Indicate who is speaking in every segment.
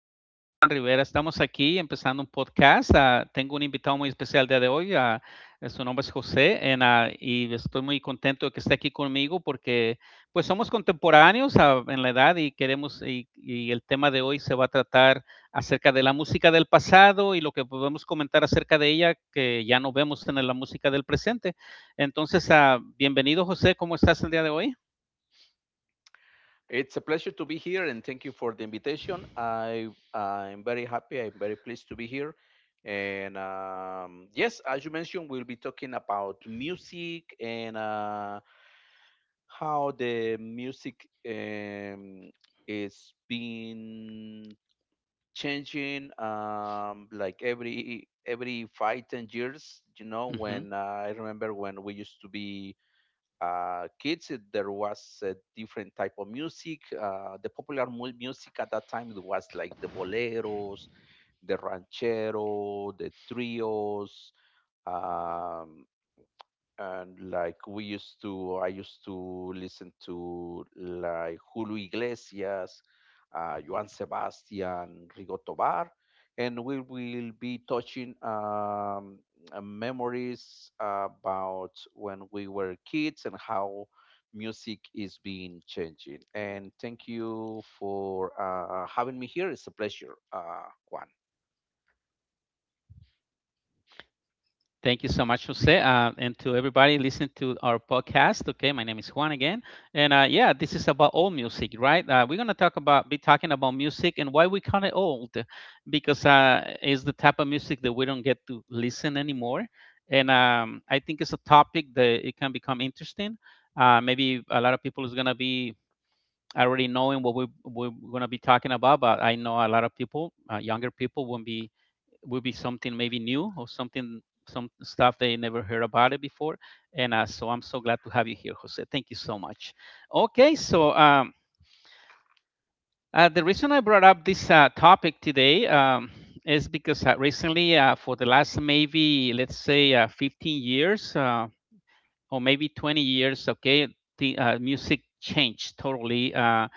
Speaker 1: mi nombre es Juan Rivera. Estamos aquí empezando un podcast. Tengo un invitado muy especial el día de hoy. Su nombre es José y estoy muy contento de que esté aquí conmigo porque pues somos contemporáneos en la edad y el tema de hoy se va a tratar acerca de la música del pasado y lo que podemos comentar acerca de ella que ya no vemos en la música del presente. Entonces, bienvenido José, ¿cómo estás el día de hoy?
Speaker 2: It's a pleasure to be here and thank you for the invitation. I'm very happy. I'm very pleased to be here. And yes, as you mentioned, we'll be talking about music and how the music is being changing like every 5-10 years. You know, when
Speaker 1: Ujú.
Speaker 2: I remember when we used to be kids, there was a different type of music. The popular music at that time was like the boleros, the ranchero, the trios, um, and like we used to I used to listen to like Julio Iglesias, Joan Sebastian, Rigo Tobar, and we will be touching memories about when we were kids and how music is being changing. And thank you for having me here. It's a pleasure, Juan.
Speaker 1: Thank you so much, Jose, and to everybody listening to our podcast. Okay, my name is Juan again, and yeah, this is about old music, right? We're gonna talk about be talking about music and why we call it old, because it's the type of music that we don't get to listen anymore, and I think it's a topic that it can become interesting. Maybe a lot of people is gonna be already knowing what we're gonna be talking about, but I know a lot of people, younger people, won't be will be something maybe new or something some stuff they never heard about it before, and so I'm so glad to have you here, Jose. Thank you so much. Okay, so the reason I brought up this topic today is because recently, for the last, maybe let's say, 15 years, or maybe 20 years. Okay, the music changed totally.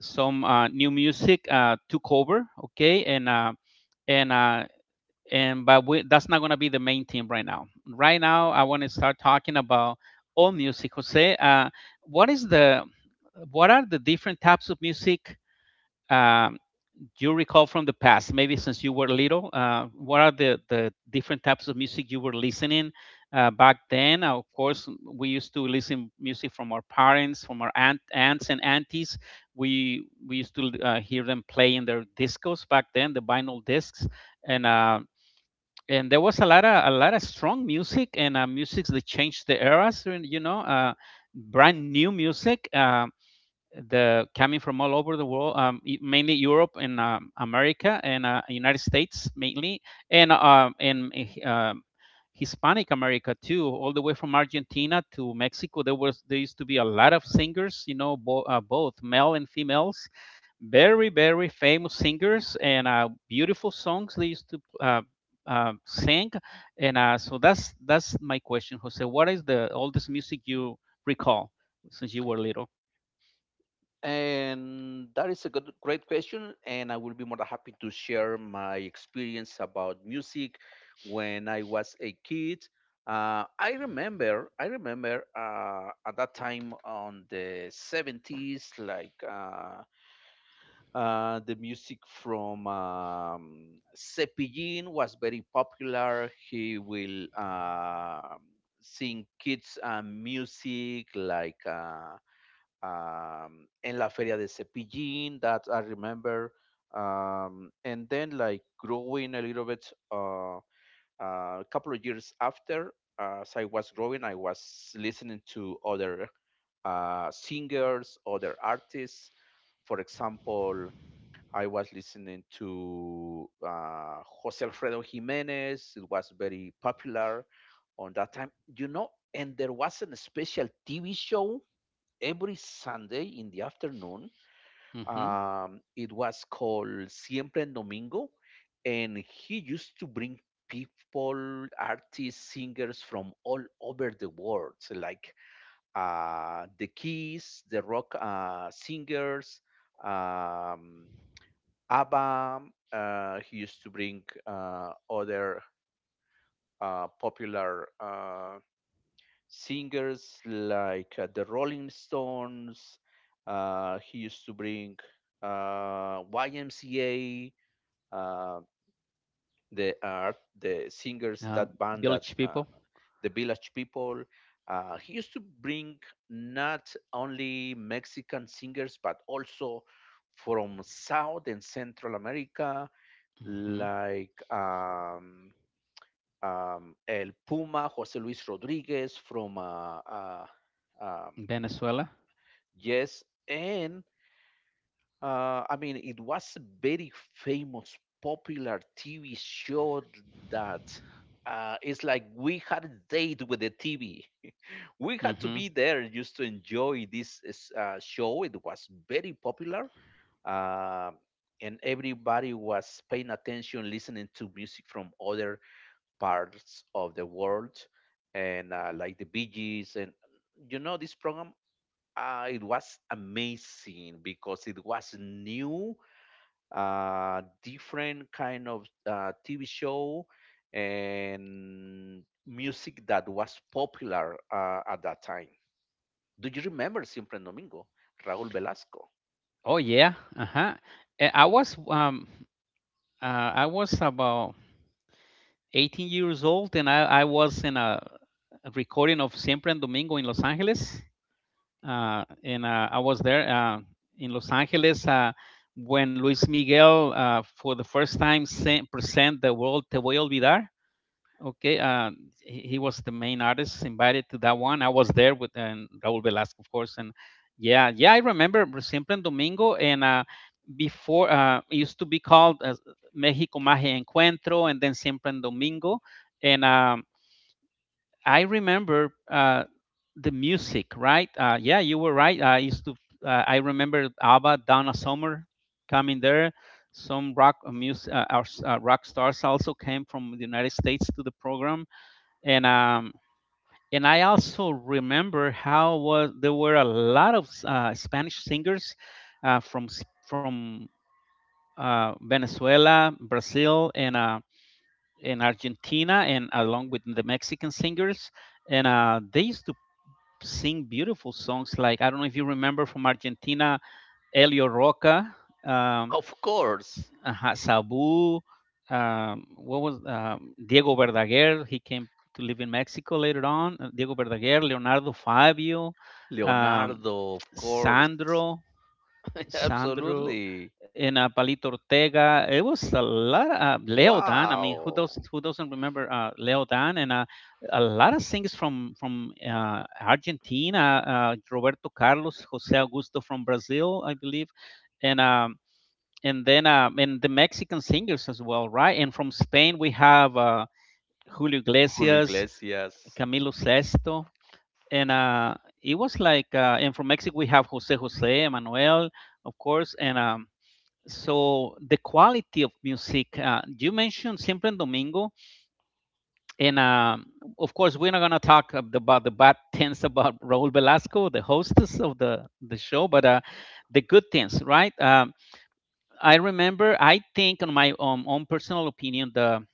Speaker 1: Some new music took over. Okay, and uh, that's not going to be the main theme right now. Right now, I want to start talking about all music. Jose, what is the what are the different types of music um, you recall from the past? Maybe since you were little, what are the different types of music you were listening back then? Of course, we used to listen music from our parents, from our aunts and aunties. We used to hear them play in their discos back then, the vinyl discs, and there was a lot of strong music and music that changed the eras, and, you know, brand new music, the coming from all over the world, mainly Europe and America and United States mainly, and Hispanic America too, all the way from Argentina to Mexico. There used to be a lot of singers, you know, both male and females, very very famous singers and beautiful songs they used to uh, sing. And so that's my question, Jose. What is the oldest music you recall since you were little?
Speaker 2: And that is a good, great question. And I will be more than happy to share my experience about music when I was a kid. I remember at that time on the 70s, like the music from Cepillín was very popular. He will sing kids' music like. En la feria de Cepillín, that I remember. And then like growing a little bit, uh, a couple of years after, as I was growing, I was listening to other singers, other artists. For example, I was listening to Jose Alfredo Jimenez. It was very popular on that time, you know. And there was a special TV show every Sunday in the afternoon.
Speaker 1: Hmm
Speaker 2: It was called Siempre en Domingo, and he used to bring people, artists, singers from all over the world, so like the Keys, the rock singers, um, ABBA. He used to bring other popular singers like the Rolling Stones. He used to bring YMCA, uh, the art, the singers
Speaker 1: Um,
Speaker 2: that band that
Speaker 1: village People.
Speaker 2: the Village People. He used to bring not only Mexican singers but also from South and Central America,
Speaker 1: Hmm
Speaker 2: like El Puma, Jose Luis Rodriguez from um,
Speaker 1: Venezuela.
Speaker 2: yes, and I mean, it was a very famous, popular TV show that it's like we had a date with the TV. We had to
Speaker 1: Hmm
Speaker 2: be there just to enjoy this show. It was very popular, uh, and everybody was paying attention, listening to music from other parts of the world, and like the Bee Gees, and you know, this program it was amazing because it was new, different kind of TV show and music that was popular at that time. Do you remember Siempre en Domingo? Raúl Velasco.
Speaker 1: Oh yeah. Uh-huh. Eh, I was um I was about 18 years old, and I was in a recording of Siempre en Domingo in Los Angeles. And I was there in Los Angeles when Luis Miguel for the first time present the world Te voy a olvidar. Okay, he was the main artist invited to that one. I was there with and Raúl Velasco, of course, and yeah, yeah, I remember Simple and Domingo, and before it used to be called as Mexico Magia Encuentro, and then Simple and Domingo, and I remember the music, right? Yeah, you were right. I remember ABBA, Donna Summer coming there. Some rock music, our rock stars also came from the United States to the program, and um and I also remember how was there were a lot of Spanish singers from Venezuela, Brazil, and Argentina, and along with the Mexican singers, and they used to sing beautiful songs. Like I don't know if you remember from Argentina, Elio Roca. Um,
Speaker 2: Of course.
Speaker 1: Ajá, Sabu, what was Diego Verdaguer? He came to live in Mexico later on. Diego Verdaguer, Leonardo Fabio, um,
Speaker 2: Leonardo, of course.
Speaker 1: Sandro, Sandro,
Speaker 2: Absolutely.
Speaker 1: and Palito Ortega. It was a lot. Of, Leo Dan. I mean,
Speaker 2: Wow.
Speaker 1: who doesn't remember Leo Dan? And a lot of singers from Argentina. Roberto Carlos, Jose Augusto from Brazil, I believe, and. Um, and then and the Mexican singers as well, right? And from Spain we have Julio
Speaker 2: Julio
Speaker 1: Iglesias,
Speaker 2: Iglesias.
Speaker 1: Camilo Sesto, and it was like and from Mexico we have Jose Jose, Emmanuel, of course, and so the quality of music. You mentioned Siempre en Domingo, and of course we're not gonna about the bad things about Raúl Velasco, the hostess of the show, but the good things, right? I remember. I think, on my own personal opinion, the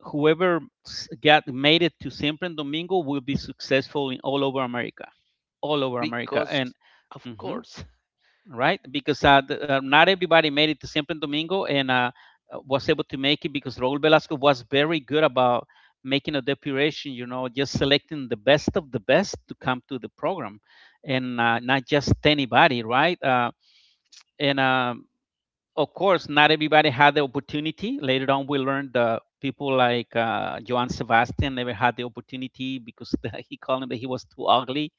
Speaker 1: whoever s- got made it to Siempre and Domingo will be successful in all over America,
Speaker 2: Because,
Speaker 1: and
Speaker 2: of
Speaker 1: hmm
Speaker 2: course.
Speaker 1: right, because not everybody made it to Siempre and Domingo, and was able to make it because Raúl Velasco was very good about making a depuration. You know, just selecting the best of the best to come to the program, and not just anybody, right? And Of course, not everybody had the opportunity. Later on, we learned that people like Joan Sebastian never had the opportunity because he called him that he was too ugly.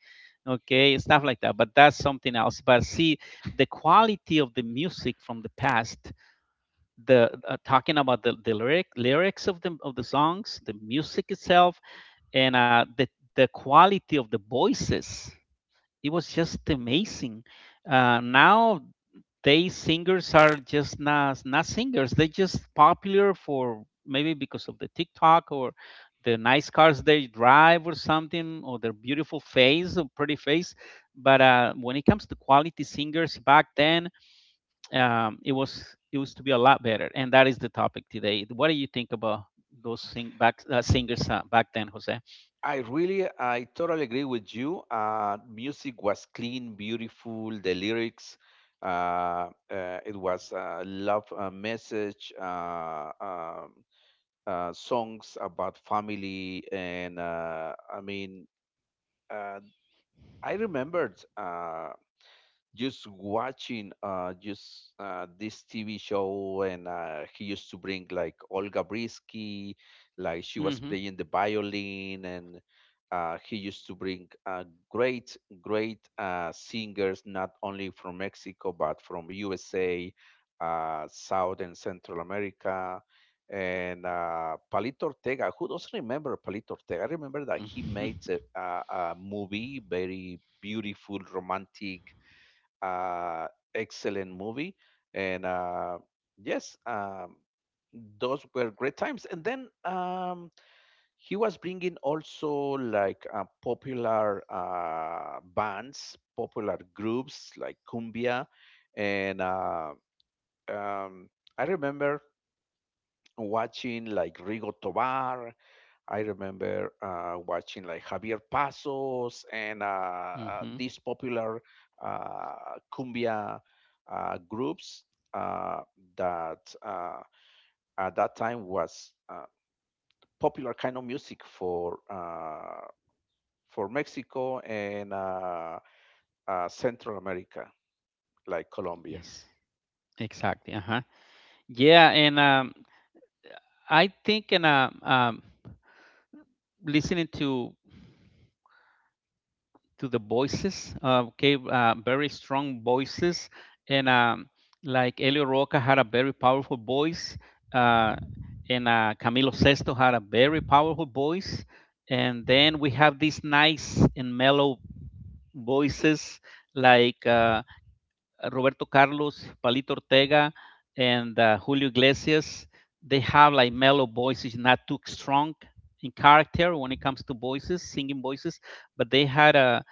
Speaker 1: Okay, stuff like that. But that's something else. But see, the quality of the music from the past, the talking about the lyrics of the songs, the music itself, and the quality of the voices, it was just amazing. Now they singers are just not singers. They just popular for maybe because of the TikTok or the nice cars they drive or something, or their beautiful face or pretty face. But when it comes to quality singers back then, it used to be a lot better. And that is the topic today. What do you think about those sing back singers back then, Jose?
Speaker 2: I totally agree with you. Music was clean, beautiful. The lyrics, it was a love message, songs about family, and I mean, uh, I remembered. Just watching just this TV show, and he used to bring like Olga Brisky, like she was
Speaker 1: Mm-hmm.
Speaker 2: playing the violin, and he used to bring great great singers, not only from Mexico but from USA, South and Central America, and Palito Ortega. Who doesn't remember Palito Ortega? I remember that he
Speaker 1: Mm-hmm.
Speaker 2: made a movie, very beautiful, romantic, uh, excellent movie, and yes, those were great times. And then he was bringing also like popular bands, popular groups like cumbia, and um, I remember watching like Rigo Tobar. I remember watching like Javier Pasos and
Speaker 1: Mm-hmm.
Speaker 2: these popular cumbia groups uh, that at that time was popular kind of music for for Mexico and Central America, like Colombia.
Speaker 1: Yes. Exactly. Uh huh. Yeah, and I think, and listening to the voices, okay, very strong voices, and like Elio Roca had a very powerful voice, uh, and Camilo Sesto had a very powerful voice, and then we have these nice and mellow voices like Roberto Carlos, Palito Ortega, and Julio Iglesias. They have like mellow voices, not too strong in character when it comes to voices, singing voices. But they had a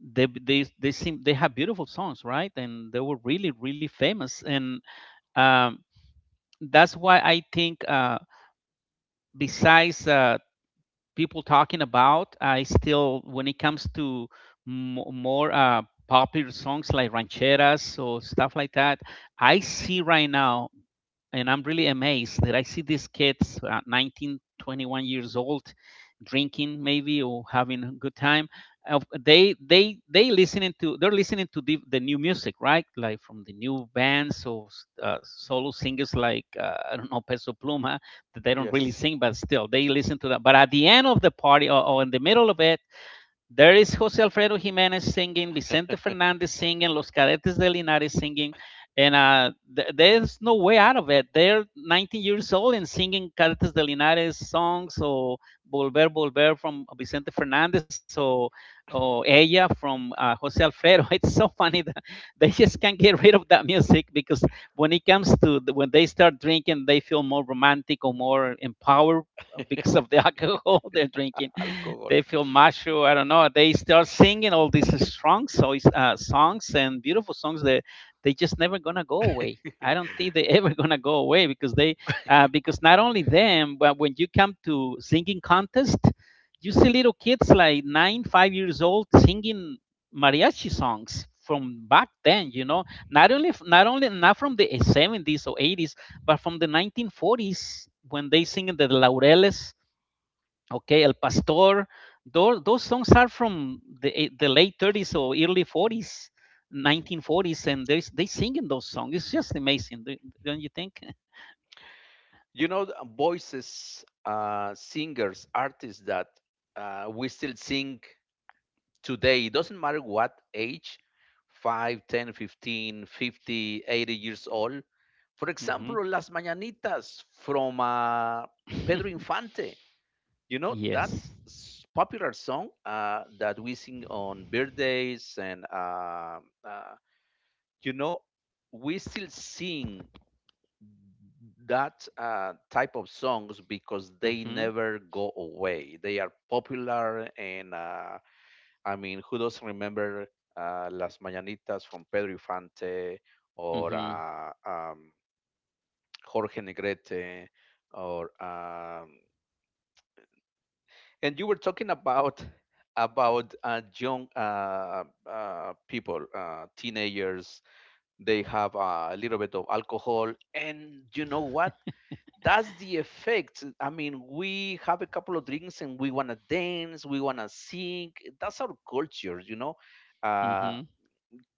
Speaker 1: they seem they have beautiful songs, right? And they were really really famous. And um, that's why I think besides people talking about. I still, when it comes to mo more popular songs like rancheras or stuff like that, I see right now, and I'm really amazed that I see these kids, 19, 21 years old, drinking maybe or having a good time. They listening to they're listening to the new music, right? Like from the new bands or solo singers like I don't know, Peso Pluma, that they don't really
Speaker 2: Yes,
Speaker 1: sing, but still they listen to that. But at the end of the party, or in the middle of it, there is Jose Alfredo Jimenez singing, Vicente Fernandez singing, Los Cadetes de Linares singing, and there's no way out of it. They're 19 years old and singing Cadetes de Linares songs, or Volver, Volver from Vicente Fernandez, or, Ella from Jose Alfredo. It's so funny that they just can't get rid of that music because when it comes to when they start drinking, they feel more romantic or more empowered because of the alcohol they're drinking.
Speaker 2: alcohol.
Speaker 1: They feel macho. I don't know. They start singing all these strong songs and beautiful songs that they just never gonna go away. I don't think they ever gonna go away because they because not only them, but when you come to singing contest, you see little kids like 9, 5 years old singing mariachi songs from back then. You know, not only not only not from the 70s or 80s, but from the 1940s when they sing in the laureles. Okay, El Pastor. Those songs are from the late 30s or early 40s, 1940s, and they sing in those songs. It's just amazing. Don't you think?
Speaker 2: You know, the voices, singers, artists that we still sing today. It doesn't matter what age: 5, 10, 15, 50, 80 years old. For
Speaker 1: Hmm
Speaker 2: example, las mañanitas from Pedro Infante. You know that
Speaker 1: Yes.
Speaker 2: popular song that we sing on birthdays, and uh, you know, we still sing that type of songs because they
Speaker 1: hmm
Speaker 2: never go away. They are popular, and I mean, who doesn't remember Las Mañanitas from Pedro Infante, or
Speaker 1: hmm
Speaker 2: Jorge Negrete, or and you were talking about young people, teenagers. They have a little bit of alcohol, and you know what? That's the effect. I mean, we have a couple of drinks and we wanna dance, we wanna sing. That's our culture, you know. Uh,
Speaker 1: hmm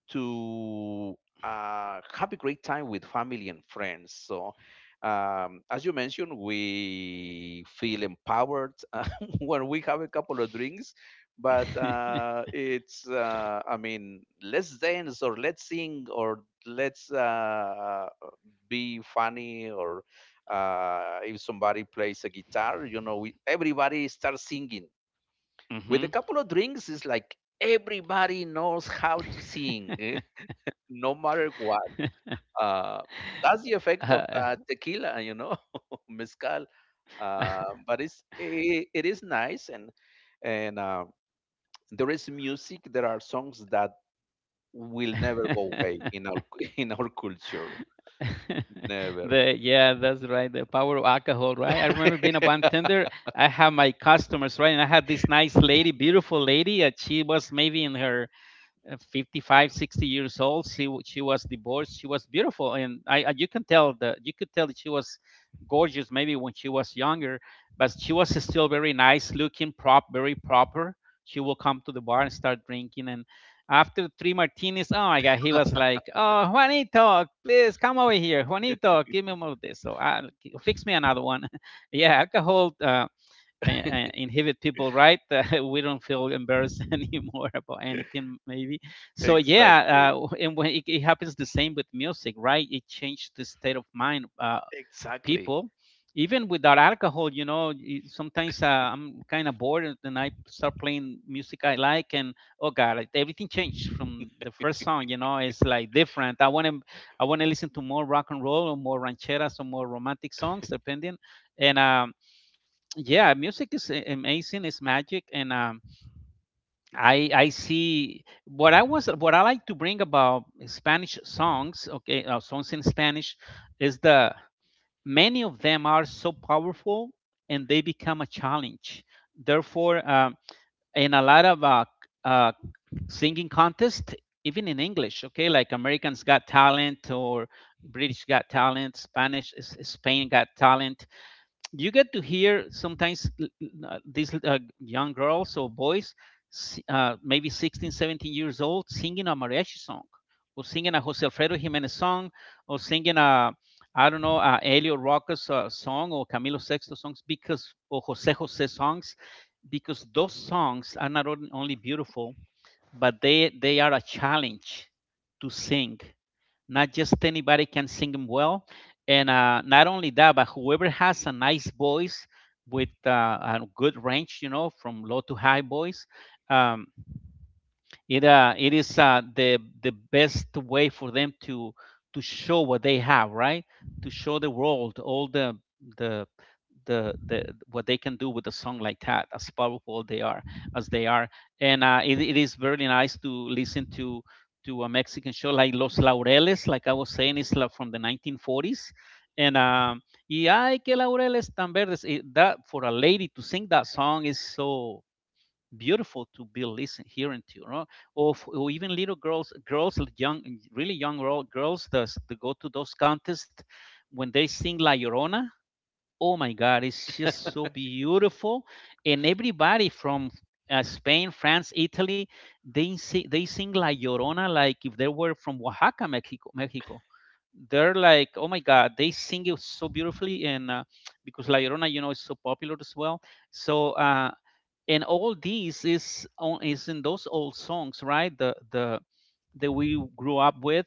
Speaker 2: to have a great time with family and friends. So, as you mentioned, we feel empowered when we have a couple of drinks. But it's, I mean, let's dance or let's sing or let's be funny, or if somebody plays a guitar, you know, everybody starts singing. With a
Speaker 1: hmm
Speaker 2: couple of drinks, it's like everybody knows how to sing. No matter what. Uh, that's the effect of
Speaker 1: Uh,
Speaker 2: tequila, you know, mezcal. But it is nice, and and uh, there is music. There are songs that will never go away in our in our culture. Never.
Speaker 1: The yeah, that's right. The power of alcohol, right? I remember being a bartender. I had my customers, right, and I had this nice lady, beautiful lady. She was maybe in her 55 60 years old. She was divorced, she was beautiful, and you can tell the you could tell that she was gorgeous maybe when she was younger, but she was still very nice looking, prop very proper. She will come to the bar and start drinking, and after three martinis, oh my God, he was like, oh, Juanito, please come over here, Juanito, give me more of this, so I fix me another one. Yeah, alcohol inhibit people, right? We don't feel embarrassed anymore about anything, maybe. So yeah,
Speaker 2: Exactly.
Speaker 1: and when it happens the same with music, right? It changed the state of mind of
Speaker 2: Exactly.
Speaker 1: people even without alcohol, you know. Sometimes I'm kind of bored, and then I start playing music I like, and oh God, like, everything changed from the first song, you know. It's like different. I want to listen to more rock and roll or more rancheras or more romantic songs, depending. And Yeah, music is amazing, it's magic. And I see what I was, what I like to bring about Spanish songs. Okay, songs in Spanish is the many of them are so powerful, and they become a challenge. Therefore, in a lot of uh singing contest, even in English, okay, like Americans Got Talent or British Got Talent, spanish Spain Got Talent, you get to hear sometimes these young girls or boys, maybe 16 17 years old, singing a mariachi song, or singing a Jose Alfredo Jimenez song, or singing a, I don't know, a Elio Rocas song, or Camilo Sexto songs, because, or Jose Jose songs, because those songs are not only beautiful, but they are a challenge to sing. Not just anybody can sing them well. And not only that, but whoever has a nice voice with a good range, you know, from low to high voice, um, it it is the best way for them to show what they have, right? To show the world all the the what they can do with a song like that, as powerful they are as they are. And it is very nice to listen to a Mexican show like Los Laureles, like I was saying, is like from the 1940s. And Y ay que laureles tan verdes. That, for a lady to sing that song, is so beautiful to be listening hearing to you, or even little girls, young, really young girls, that go to those contests. When they sing La Llorona, oh my God, it's just so beautiful. And everybody from Spain, France, Italy, they sing La Llorona like if they were from Oaxaca, mexico, they're like, oh my God, they sing it so beautifully. And because La Llorona, you know, is so popular as well. So and all these is in those old songs, right, the that we grew up with.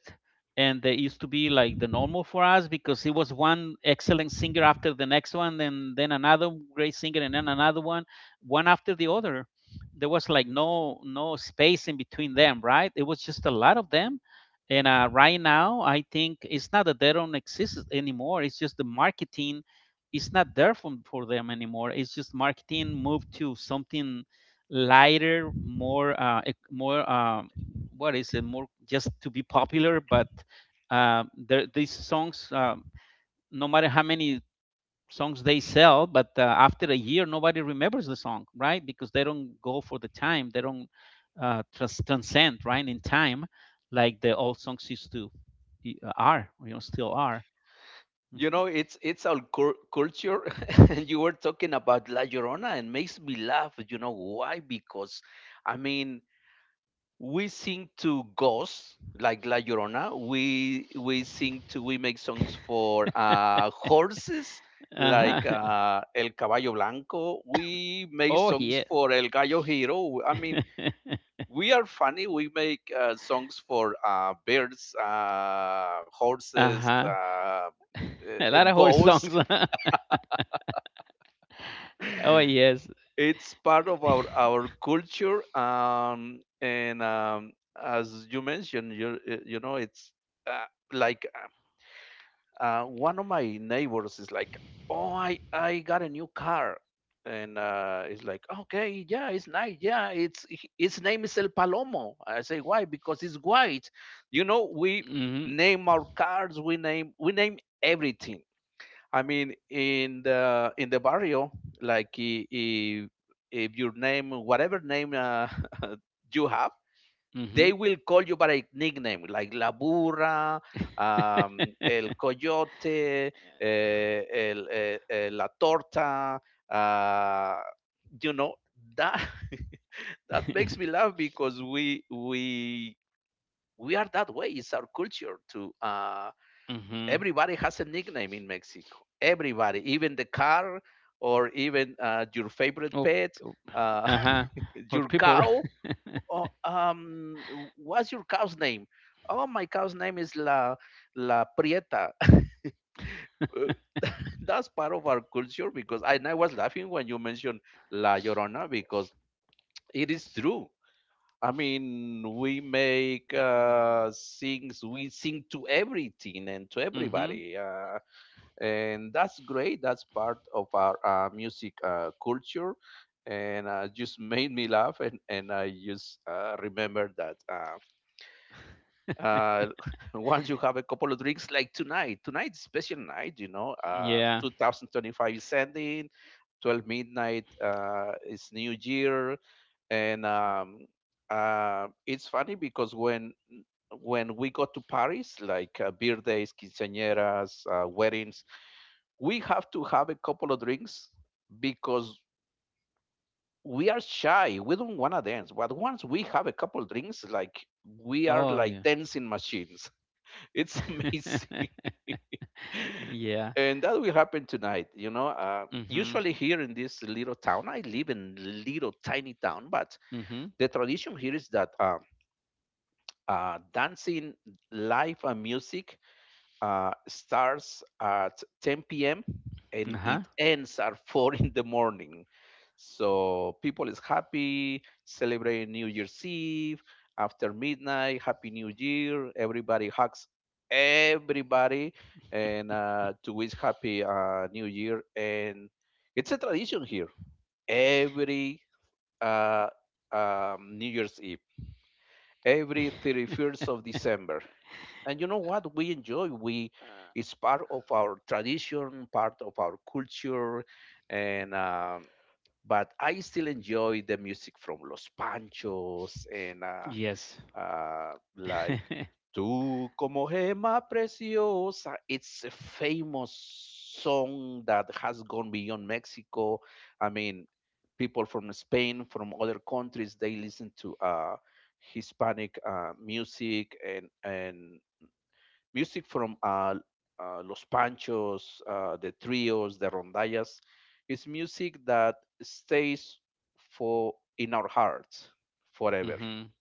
Speaker 1: And they used to be like the normal for us, because it was one excellent singer after the next one, and then another great singer, and then another one, one after the other. There was like no space in between them, right? It was just a lot of them. And right now I think it's not that they don't exist anymore, it's just the marketing. It's not there for them anymore. It's just marketing moved to something lighter, more, more, what is it? More just to be popular. But there, these songs, no matter how many songs they sell, but after a year, nobody remembers the song, right? Because they don't go for the time. They don't transcend, right, in time, like the old songs used to are, you know, still are.
Speaker 2: You
Speaker 1: Hmm.
Speaker 2: know, it's our culture. And you were talking about La Llorona, and makes me laugh. You know why? Because, I mean, we sing to ghosts like La Llorona. We sing to we make songs for horses
Speaker 1: Uh-huh.
Speaker 2: like El Caballo Blanco. We make
Speaker 1: Oh.
Speaker 2: songs for El Gallo Hero. I mean, we are funny. We make songs for birds, horses,
Speaker 1: Uh-huh. A lot of
Speaker 2: and
Speaker 1: horse
Speaker 2: ghosts.
Speaker 1: songs, huh? Oh yes.
Speaker 2: It's part of our culture, and as you mentioned, you know it's uh, like one of my neighbors is like, oh, I got a new car. And it's like, okay, yeah, it's nice. Yeah, it's its name is El Palomo. I say why? Because it's white. You know, we
Speaker 1: Mhm.
Speaker 2: name our cars, we name everything. I mean, in the barrio, like if your name, whatever name, you have, they
Speaker 1: Mhm.
Speaker 2: will call you by a nickname like La Burra, El Coyote, La Torta. Uh, you know that that makes me laugh because we are that way. It's our culture to
Speaker 1: Mhm.
Speaker 2: everybody has a nickname in Mexico. Everybody, even the car, or even your favorite
Speaker 1: Oh,
Speaker 2: pet,
Speaker 1: oh.
Speaker 2: uh,
Speaker 1: Uh-huh. Or
Speaker 2: your
Speaker 1: people.
Speaker 2: cow. Oh, what's your cow's name? Oh, my cow's name is La Prieta. That's part of our culture because I was laughing when you mentioned La Llorona because it is true. I mean, we make things, we sing to everything and to
Speaker 1: Mhm.
Speaker 2: everybody. And that's great. That's part of our music culture, and just made me laugh. And I just remember that. Uh, Once you have a couple of drinks, like tonight is special night, you know.
Speaker 1: Yeah.
Speaker 2: 2025 is ending, 12 midnight is New Year, and it's funny because when we go to Paris, like birthdays, quinceañeras, weddings, we have to have a couple of drinks because we are shy. We don't want to dance. But once we have a couple drinks, like we are
Speaker 1: Oh
Speaker 2: like
Speaker 1: yeah.
Speaker 2: dancing machines. It's amazing.
Speaker 1: Yeah.
Speaker 2: And that will happen tonight. You know,
Speaker 1: Mhm.
Speaker 2: usually here in this little town, I live in little tiny town, but
Speaker 1: Mhm.
Speaker 2: the tradition here is that dancing, live music starts at 10 p.m. and
Speaker 1: Uh-huh.
Speaker 2: it ends at 4 in the morning. So people is happy, celebrating New Year's Eve. After midnight, Happy New Year. Everybody hugs everybody, and to wish Happy New Year. And it's a tradition here. Every uh, New Year's Eve, every 31st of December, and you know what we enjoy. We
Speaker 1: Uh,
Speaker 2: It's part of our tradition, part of our culture, and but I still enjoy the music from Los Panchos and
Speaker 1: yes.
Speaker 2: like Tú como gema preciosa. It's a famous song that has gone beyond Mexico. I mean, people from Spain, from other countries, they listen to Hispanic music, and music from Los Panchos, the trios, the rondallas. It's music that stays for in our hearts forever.
Speaker 1: Mhm.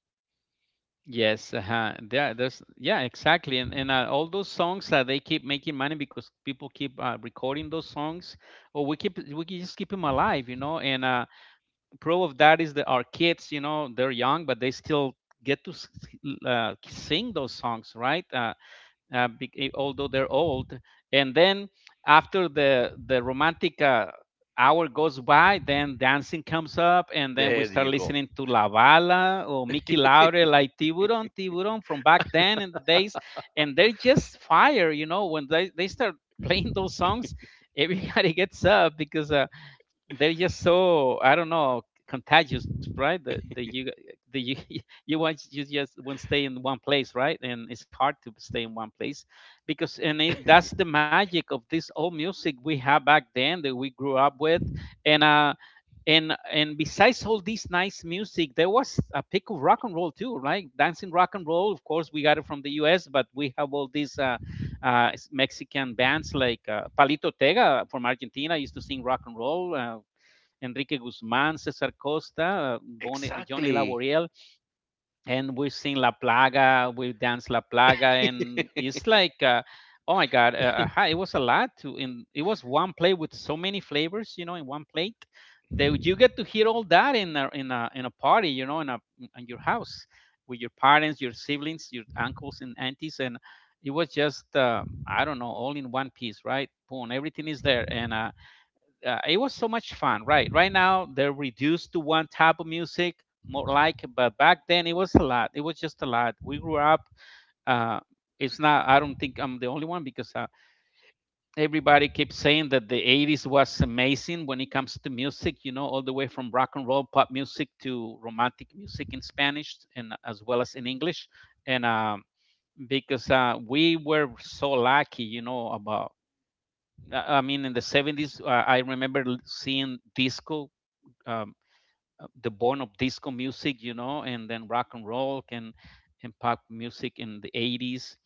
Speaker 1: Yes, uh-huh. There, there's yeah, exactly, and all those songs they keep making money because people keep recording those songs, or we can just keep them alive, you know. And proof of that is that our kids, you know, they're young, but they still get to sing those songs, right? Although they're old. And then after the romantic hour goes by, then dancing comes up, and then we
Speaker 2: There
Speaker 1: start
Speaker 2: you go.
Speaker 1: listening to La Bala or Mickey Laure, like Tiburon, Tiburon from back then in the days, and they're just fire, you know, when they start playing those songs. Everybody gets up because they're just so, I don't know, contagious, right? That the you you just won't stay in one place, right? And it's hard to stay in one place because, and it, that's the magic of this old music we have back then that we grew up with. and uh. And besides all this nice music, there was a peak of rock and roll too, right? Dancing rock and roll. Of course, we got it from the U.S., but we have all these Mexican bands like Palito Ortega from Argentina used to sing rock and roll. Enrique Guzmán, Cesar Costa, Bonnie, Johnny
Speaker 2: Exactly.
Speaker 1: Laboriel, and we sing La Plaga, we dance La Plaga, and it's like, oh my God, it was a lot to, in it was one plate with so many flavors, you know, in one plate, that you get to hear all that in in a party, you know, in a, in your house, with your parents, your siblings, your uncles and aunties, and it was just, I don't know, all in one piece, right? Boom, everything is there. And It was so much fun, right? Right now they're reduced to one type of music, more like, but back then it was a lot. It was just a lot. We grew up. Uh, it's not. I don't think I'm the only one, because everybody keeps saying that the 80s was amazing when it comes to music. You know, all the way from rock and roll, pop music, to romantic music in Spanish, and as well as in English. And Because we were so lucky, you know, about I mean, in the 70s, I remember seeing disco, um, the born of disco music, you know, and then rock and roll and pop music in the 80s,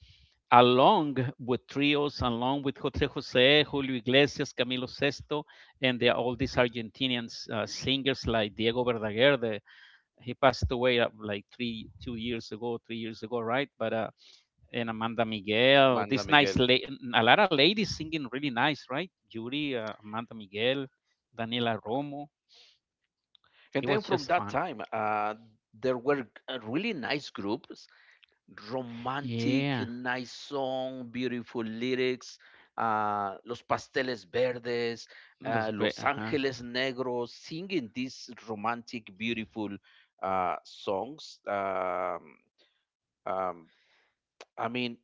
Speaker 1: along with trios, along with Jose Jose, Julio Iglesias, Camilo Sesto, and there are all these Argentinian singers like Diego Verdaguer. He passed away like 2 years ago, 3 years ago, right? But and Amanda Miguel,
Speaker 2: Amanda
Speaker 1: this nice,
Speaker 2: Miguel.
Speaker 1: a lot of ladies singing really nice, right? Judy, Amanda Miguel, Daniela Romo. It
Speaker 2: And
Speaker 1: was
Speaker 2: then
Speaker 1: just
Speaker 2: from that
Speaker 1: fun.
Speaker 2: time, there were really nice groups, romantic,
Speaker 1: Yeah,
Speaker 2: nice song, beautiful lyrics: Los Pasteles Verdes, Los
Speaker 1: ajá.
Speaker 2: Angeles Negros, singing these romantic, beautiful songs. Um, I mean,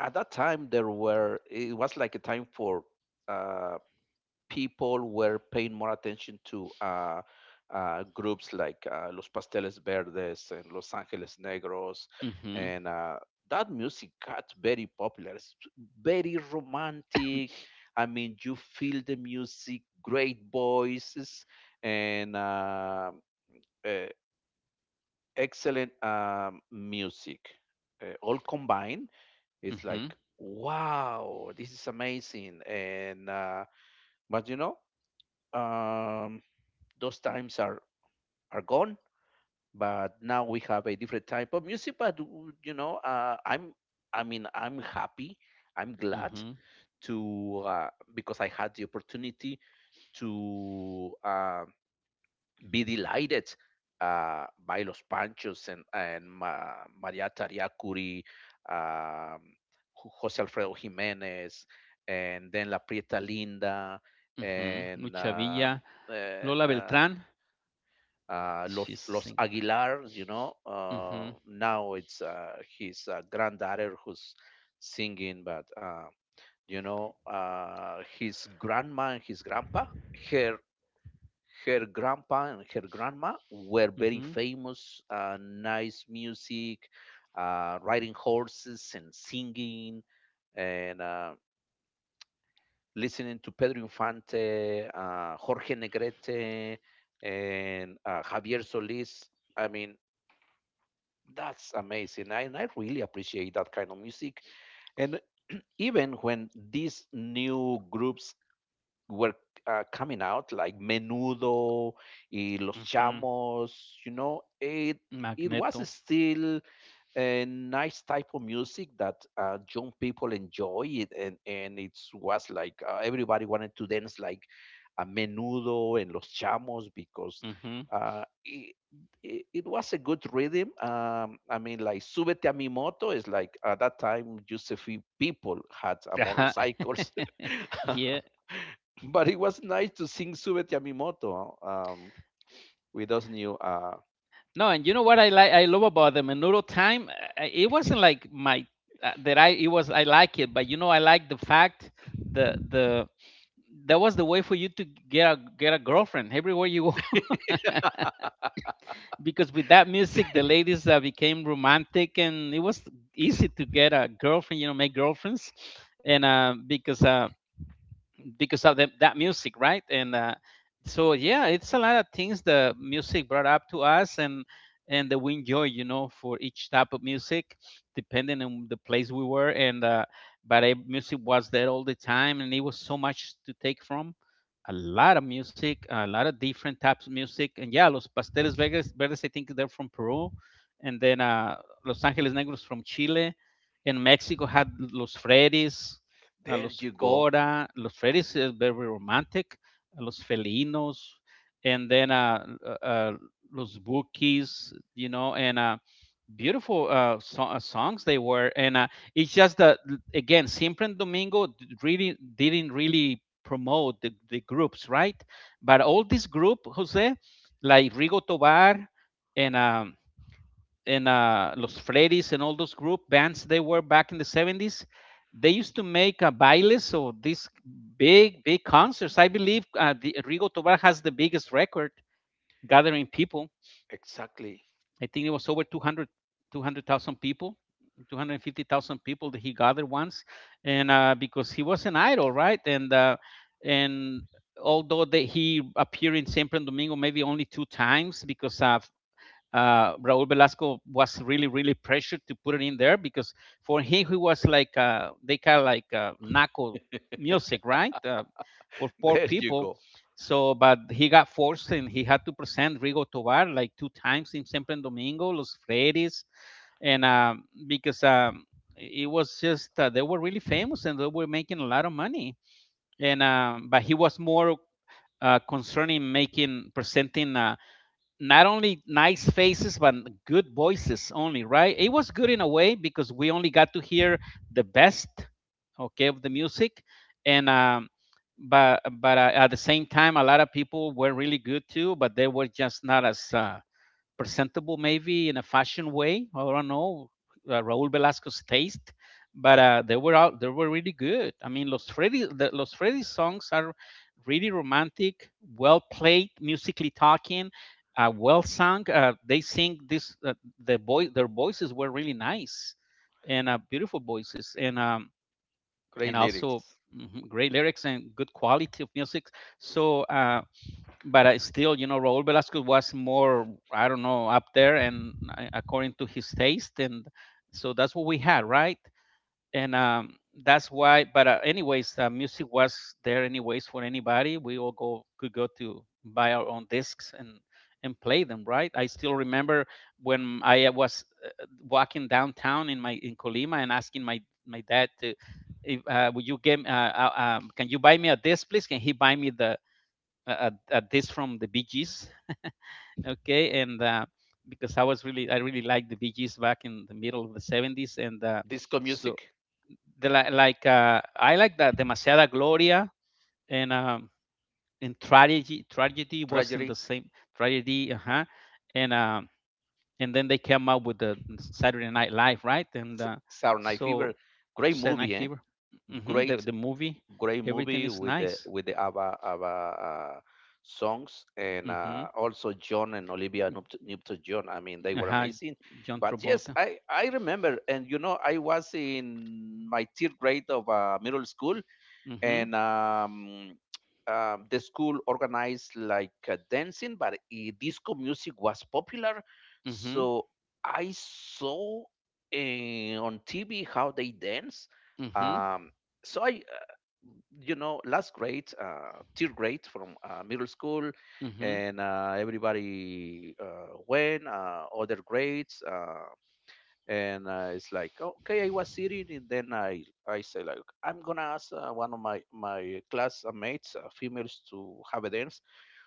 Speaker 2: at that time, it was like a time for uh, people were paying more attention to groups like Los Pasteles Verdes and Los Angeles Negros,
Speaker 1: Mhm,
Speaker 2: and that music got very popular. It's very romantic. I mean, you feel the music, great voices, and uh, excellent music all combined. It's like
Speaker 1: mhm,
Speaker 2: wow, this is amazing, and but you know. Um, those times are gone but now we have a different type of music but You know, I'm happy, I'm glad
Speaker 1: mhm,
Speaker 2: to, because I had the opportunity to, be delighted by Los Panchos and Maria Tariacuri, um, Jose Alfredo Jimenez, and then La Prieta Linda,
Speaker 1: mhm,
Speaker 2: and
Speaker 1: Lucha
Speaker 2: uh,
Speaker 1: Villa,
Speaker 2: uh,
Speaker 1: Lola
Speaker 2: uh,
Speaker 1: Beltrán,
Speaker 2: uh, Los
Speaker 1: she's a
Speaker 2: Los
Speaker 1: single.
Speaker 2: Aguilar, you know.
Speaker 1: Mhm,
Speaker 2: Now it's his granddaughter who's singing, but you know, his grandma and his grandpa, her her grandpa and her grandma were very
Speaker 1: mhm,
Speaker 2: famous. Nice music, riding horses and singing and listening to Pedro Infante, Jorge Negrete, and Javier Solis. I mean, That's amazing. And I really appreciate that kind of music. And even when these new groups were coming out, like Menudo, y Los
Speaker 1: ujú.
Speaker 2: Chamos, you know, it was
Speaker 1: Magneto,
Speaker 2: still a nice type of music that young people enjoy it, and it was like everybody wanted to dance like a Menudo and Los Chamos because
Speaker 1: mhm,
Speaker 2: uh, it, it was a good rhythm. I mean, like Súbete a Mi Moto is, like, at that time just a few people had
Speaker 1: ajá.
Speaker 2: motorcycles
Speaker 1: Yeah.
Speaker 2: but it was nice to sing Súbete a Mi Moto, um, with those new
Speaker 1: No, and you know what I like I love about the Menudo time? It wasn't like my that I it was, I like it, but you know I like the fact the that was the way for you to get a girlfriend everywhere you, because with that music, the ladies became romantic, and it was easy to get a girlfriend. You know, make girlfriends, and because of the, that music, right? And so yeah, it's a lot of things the music brought up to us, and that we enjoy, you know, for each type of music, depending on the place we were. And but music was there all the time, and it was so much to take from. A lot of music, a lot of different types of music, and yeah, Los Pasteles Vegas Verdes, I think they're from Peru, and then Los Angeles Negros from Chile, and Mexico had Los Freddy's, a
Speaker 2: there
Speaker 1: los
Speaker 2: you go,
Speaker 1: Cora, los Freddy's is very romantic, a los Felinos, and then los Bookies, you know, and beautiful songs they were. And it's just that, again, Siempre and really didn't really promote the groups, right? But all this group, Jose, like Rigo Tobar and um, and Los Freddy's and all those group bands they were back in the 70s. They used to make a bailes, so these big, big concerts. I believe the Rigo Tobar has the biggest record gathering people.
Speaker 2: exactly.
Speaker 1: I think it was over 200 200,000 people, 250,000 people that he gathered once, and because he was an idol, right? And although that he appeared in San Domingo maybe only two times because Raul Velasco was really, really pressured to put it in there because for him, he was like they kind of like knuckle music, right? For poor
Speaker 2: There you
Speaker 1: people.
Speaker 2: go.
Speaker 1: So, but he got forced and he had to present Rigo Tobar like two times in Sempre en Domingo, Los Freires, and because it was just they were really famous and they were making a lot of money. And But he was more concerning making presenting not only nice faces but good voices only, right? It was good in a way because we only got to hear the best, okay, of the music. And um but but uh, at the same time a lot of people were really good too, but they were just not as presentable maybe in a fashion way. I don't know Raúl Velasco's taste, but they were out. They were really good. I mean, Los Freddy, the, Los Freddy songs are really romantic, well played, musically talking, well sung. They sing this. The boy, Their voices were really nice, and beautiful voices,
Speaker 2: Great
Speaker 1: and also.
Speaker 2: lyrics.
Speaker 1: Mhm, great lyrics and good quality of music. so uh, but I still, you know, Raul Velasquez was more, I don't know, up there and according to his taste, and so that's what we had, right? And that's why. But Anyways, music was there anyways for anybody. We all go could go to buy our own discs and play them, right? I still remember when I was walking downtown in my in Colima and asking my dad to. If, will you give? Can you buy me a disc, please? Can he buy me the at this from the Bee Gees, okay, and because I was really I really liked the Bee Gees back in the middle of the 70s, and
Speaker 2: Disco
Speaker 1: so
Speaker 2: music.
Speaker 1: the like I like that Demasiada Gloria, and um, and tragedy was in the
Speaker 2: Tragedy.
Speaker 1: same tragedy, uh-huh, and um and then they came out with the Saturday Night Live, right, and
Speaker 2: Saturday Night Fever.
Speaker 1: so
Speaker 2: Great
Speaker 1: Saturday Night
Speaker 2: movie, eh?
Speaker 1: Fever, hmm, the
Speaker 2: Great,
Speaker 1: the movie,
Speaker 2: great
Speaker 1: everything
Speaker 2: movie
Speaker 1: is
Speaker 2: with the
Speaker 1: nice.
Speaker 2: with the ABBA, ABBA, songs and
Speaker 1: Mm-hmm.
Speaker 2: also John and Olivia Newton-John. I mean, they were
Speaker 1: Uh-huh.
Speaker 2: amazing.
Speaker 1: John
Speaker 2: But yes,
Speaker 1: Travolta.
Speaker 2: I remember, and you know, I was in my third grade of middle school,
Speaker 1: Mm-hmm.
Speaker 2: and the school organized like dancing, but eh, disco music was popular.
Speaker 1: Mhm.
Speaker 2: So I saw eh, on TV how they dance.
Speaker 1: Mhm.
Speaker 2: Um, so I, uh, you know, last grade, third grade from middle school,
Speaker 1: Mhm.
Speaker 2: and everybody went. Other grades. And It's like, okay, I was sitting and then I say like, I'm gonna ask one of my classmates, females, to have a dance.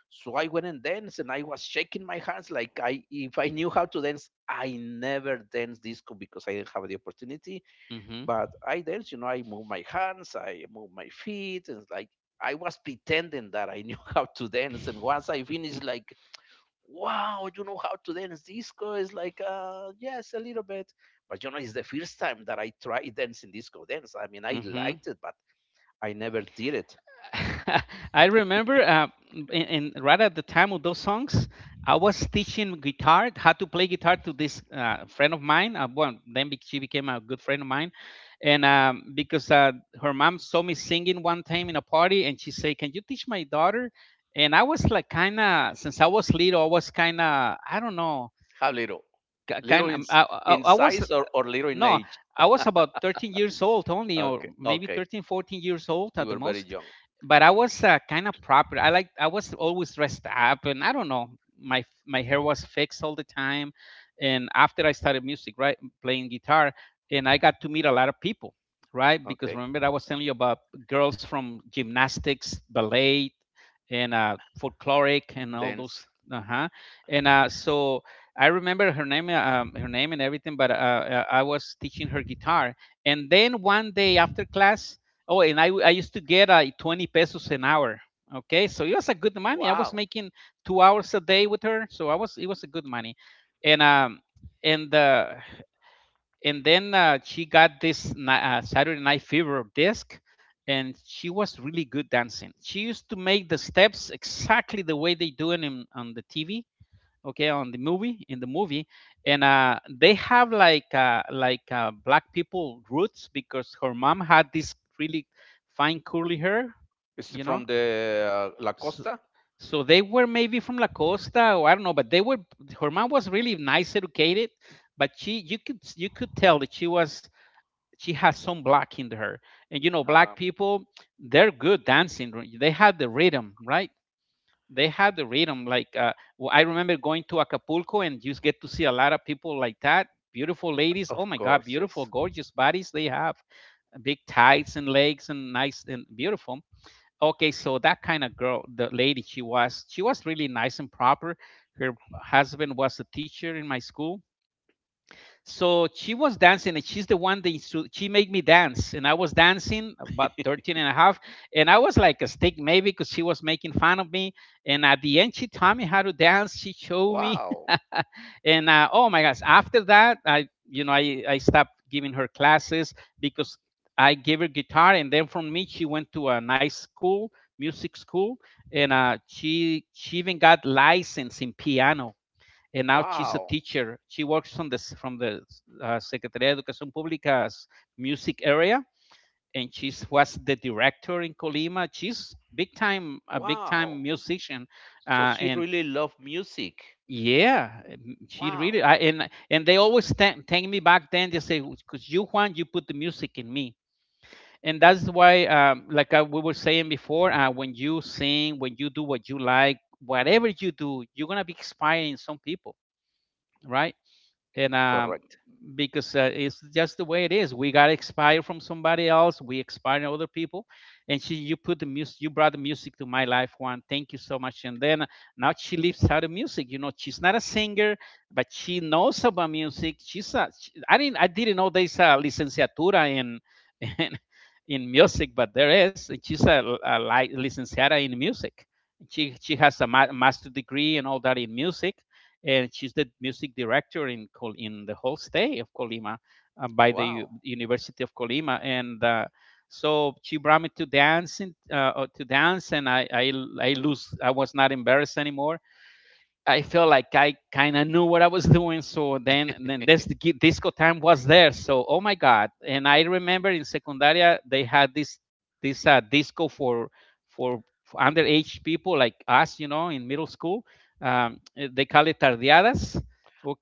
Speaker 2: So I went and danced and I was shaking my hands like, I if I knew how to dance. I never danced disco because I didn't have the opportunity,
Speaker 1: Mhm.
Speaker 2: but I danced, you know, I move my hands, I move my feet, and it's like, I was pretending that I knew how to dance, and once I finished, like, wow, you know how to dance disco? It's like, yes, a little bit. But you know, it's the first time that I tried dancing disco dance. I mean, I
Speaker 1: Mhm.
Speaker 2: liked it, but I never did it.
Speaker 1: I remember and right at the time of those songs, I was teaching guitar, how to play guitar to this friend of mine. She became a good friend of mine, and because her mom saw me singing one time in a party, and she said, "Can you teach my daughter?" And I was like, kind of, since I was little, I was kind of, I don't know,
Speaker 2: How little? Little
Speaker 1: kind
Speaker 2: in,
Speaker 1: of, I, I,
Speaker 2: in
Speaker 1: I was
Speaker 2: size, or little in
Speaker 1: no
Speaker 2: age?
Speaker 1: I was about 13 years old only, or
Speaker 2: Okay.
Speaker 1: maybe
Speaker 2: Okay.
Speaker 1: 13 14 years old
Speaker 2: You
Speaker 1: at the
Speaker 2: were very
Speaker 1: most.
Speaker 2: young.
Speaker 1: But I was kind of proper. I like I was always dressed up, and I don't know, my hair was fixed all the time. And after I started music, right, playing guitar, and I got to meet a lot of people, right? Because
Speaker 2: Okay.
Speaker 1: remember I was telling you about girls from gymnastics, ballet, and folkloric and all those.
Speaker 2: Dance.
Speaker 1: Uh-huh. and so I remember her name and everything, but I was teaching her guitar. And then one day after class, oh, and I used to get 20 pesos an hour. Okay, so it was a good money. I was
Speaker 2: Wow.
Speaker 1: making two hours a day with her, so I was it was a good money. And um and uh, and then she got this Saturday Night Fever disc, and she was really good dancing. She used to make the steps exactly the way they do it in, on the TV, okay, on the movie, in the movie. And they have like black people roots because her mom had this really fine curly hair,
Speaker 2: Is it
Speaker 1: you know.
Speaker 2: from the La
Speaker 1: So,
Speaker 2: Costa?
Speaker 1: so they were maybe from la costa or I don't know, but they were her mom was really nice, educated. But she you could tell that she was she has some black in her. And you know
Speaker 2: Uh,
Speaker 1: black people, they're good dancing. They had the rhythm, right? They had the rhythm. Like I remember going to Acapulco and just get to see a lot of people like that. Beautiful ladies.
Speaker 2: of
Speaker 1: Oh my God,
Speaker 2: course,
Speaker 1: beautiful,
Speaker 2: yes.
Speaker 1: gorgeous bodies they have. Big tights and legs and nice and beautiful. Okay, so that kind of girl, the lady she was really nice and proper. Her husband was a teacher in my school. So she was dancing, and she's the one that she made me dance, and I was dancing about 13 and a half, and I was like a stick, maybe, because she was making fun of me. And at the end she taught me how to dance, she showed me
Speaker 2: Wow.
Speaker 1: and oh my gosh, after that, I, you know, I stopped giving her classes because I gave her guitar, and then from me she went to a nice school, music school. And she even got licensed in piano, and now she's a
Speaker 2: Wow.
Speaker 1: teacher. She works from the Secretaría de Educación Pública's music area, and she was the director in Colima. She's big time, a big
Speaker 2: Wow.
Speaker 1: time musician.
Speaker 2: So she
Speaker 1: And
Speaker 2: really loved music.
Speaker 1: Yeah, she really.
Speaker 2: Wow.
Speaker 1: I, and they always take me back then. They say, "Cause you, Juan, you put the music in me." And that's why, like we were saying before, when you sing, when you do what you like, whatever you do, you're gonna be inspiring some people, right? and
Speaker 2: Correct.
Speaker 1: Because it's just the way it is. We got inspired from somebody else. We inspired other people, and she, you put the music. You brought the music to my life. One, thank you so much. And then now she lives out of music. You know, she's not a singer, but she knows about music. She's a. She, I didn't. I didn't know there's a licenciatura in. in in music, but there is. And she's a licenciada in music. She has a master degree and all that in music, and she's the music director in in the whole state of Colima, by the
Speaker 2: Wow.
Speaker 1: University of Colima, and she brought me to dance, and to dance, and I was not embarrassed anymore. I felt like I kind of knew what I was doing. So then, and then this disco time was there. So oh my god! And I remember in secundaria they had this this disco for for underage people like us, you know, in middle school. They call it tardeadas.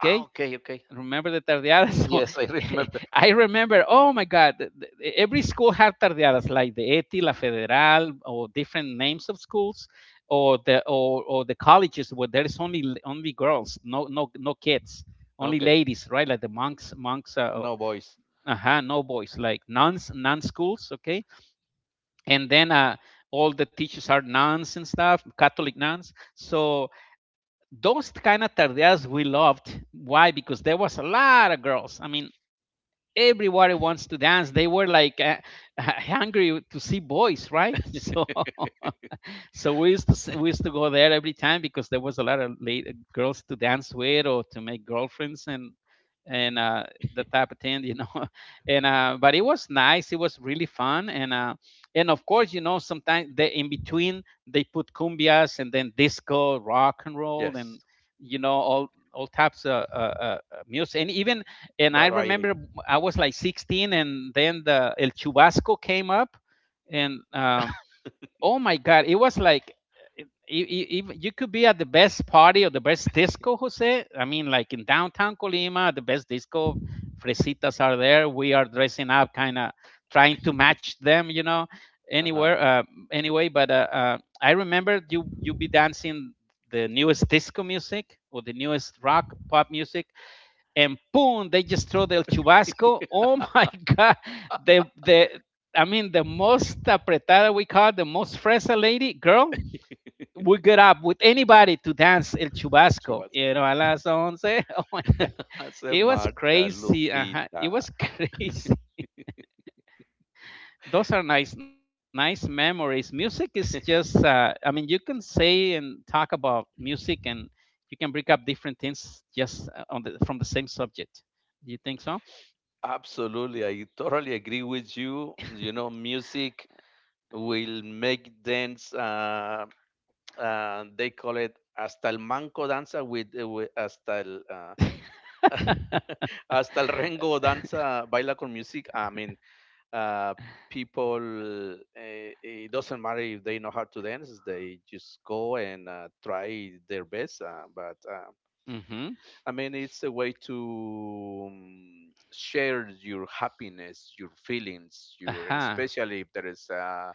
Speaker 2: Ah, okay, okay.
Speaker 1: remember the tardeadas. So
Speaker 2: Yes, I remember.
Speaker 1: I remember, oh my God, every school had tardeadas like the ETI, La Federal, or different names of schools, or the colleges where there's only only girls, no kids, only
Speaker 2: Okay,
Speaker 1: ladies, right? Like the monks. Uh,
Speaker 2: no voice.
Speaker 1: uh-huh, no boys, like nuns, nun schools. Okay, and then all the teachers are nuns and stuff, catholic nuns. So those kind of tardeadas we loved. Why? Because there was a lot of girls. I mean, everybody wants to dance. They were like, hungry to see boys, right? So so we used to go there every time because there was a lot of late, girls to dance with or to make girlfriends. And the type of thing, and but it was nice, it was really fun. And of course, you know, sometimes they in between they put cumbias and then disco, rock and roll, and
Speaker 2: Yes,
Speaker 1: you know, all types of music. And I
Speaker 2: variety.
Speaker 1: remember I was like 16, and then the el chubasco came up. And um Oh my god, it was like it, you could be at the best party or the best disco, Jose. I mean, like in downtown Colima, the best disco. Fresitas are there, we are dressing up, kind of trying to match them, you know,
Speaker 2: Uh-huh.
Speaker 1: anywhere anyway. But I remember you be dancing the newest disco music or the newest rock pop music, and boom, they just throw the chubasco. Oh, my God, the I mean the most apretada, we call, the most fresa lady girl, would get up with anybody to dance el
Speaker 2: She
Speaker 1: chubasco.
Speaker 2: was.
Speaker 1: You know, a las once. Oh my—
Speaker 2: Hace
Speaker 1: it was
Speaker 2: marcha,
Speaker 1: crazy. Uh-huh. It
Speaker 2: Lupita.
Speaker 1: was crazy. Those are nice, nice memories. Music is just, I mean, you can say and talk about music, and you can bring up different things just, on the, from the same subject. Do you think so?
Speaker 2: Absolutely, I totally agree with you. You know, music will make dance. They call it hasta el manco danza, with hasta el, hasta el rengo danza baila con music. I mean, uh, people, it doesn't matter if they know how to dance, they just go and try their best, but
Speaker 1: Hmm.
Speaker 2: I mean, it's a way to share your happiness, your feelings, your, and
Speaker 1: Uh-huh.
Speaker 2: especially if there is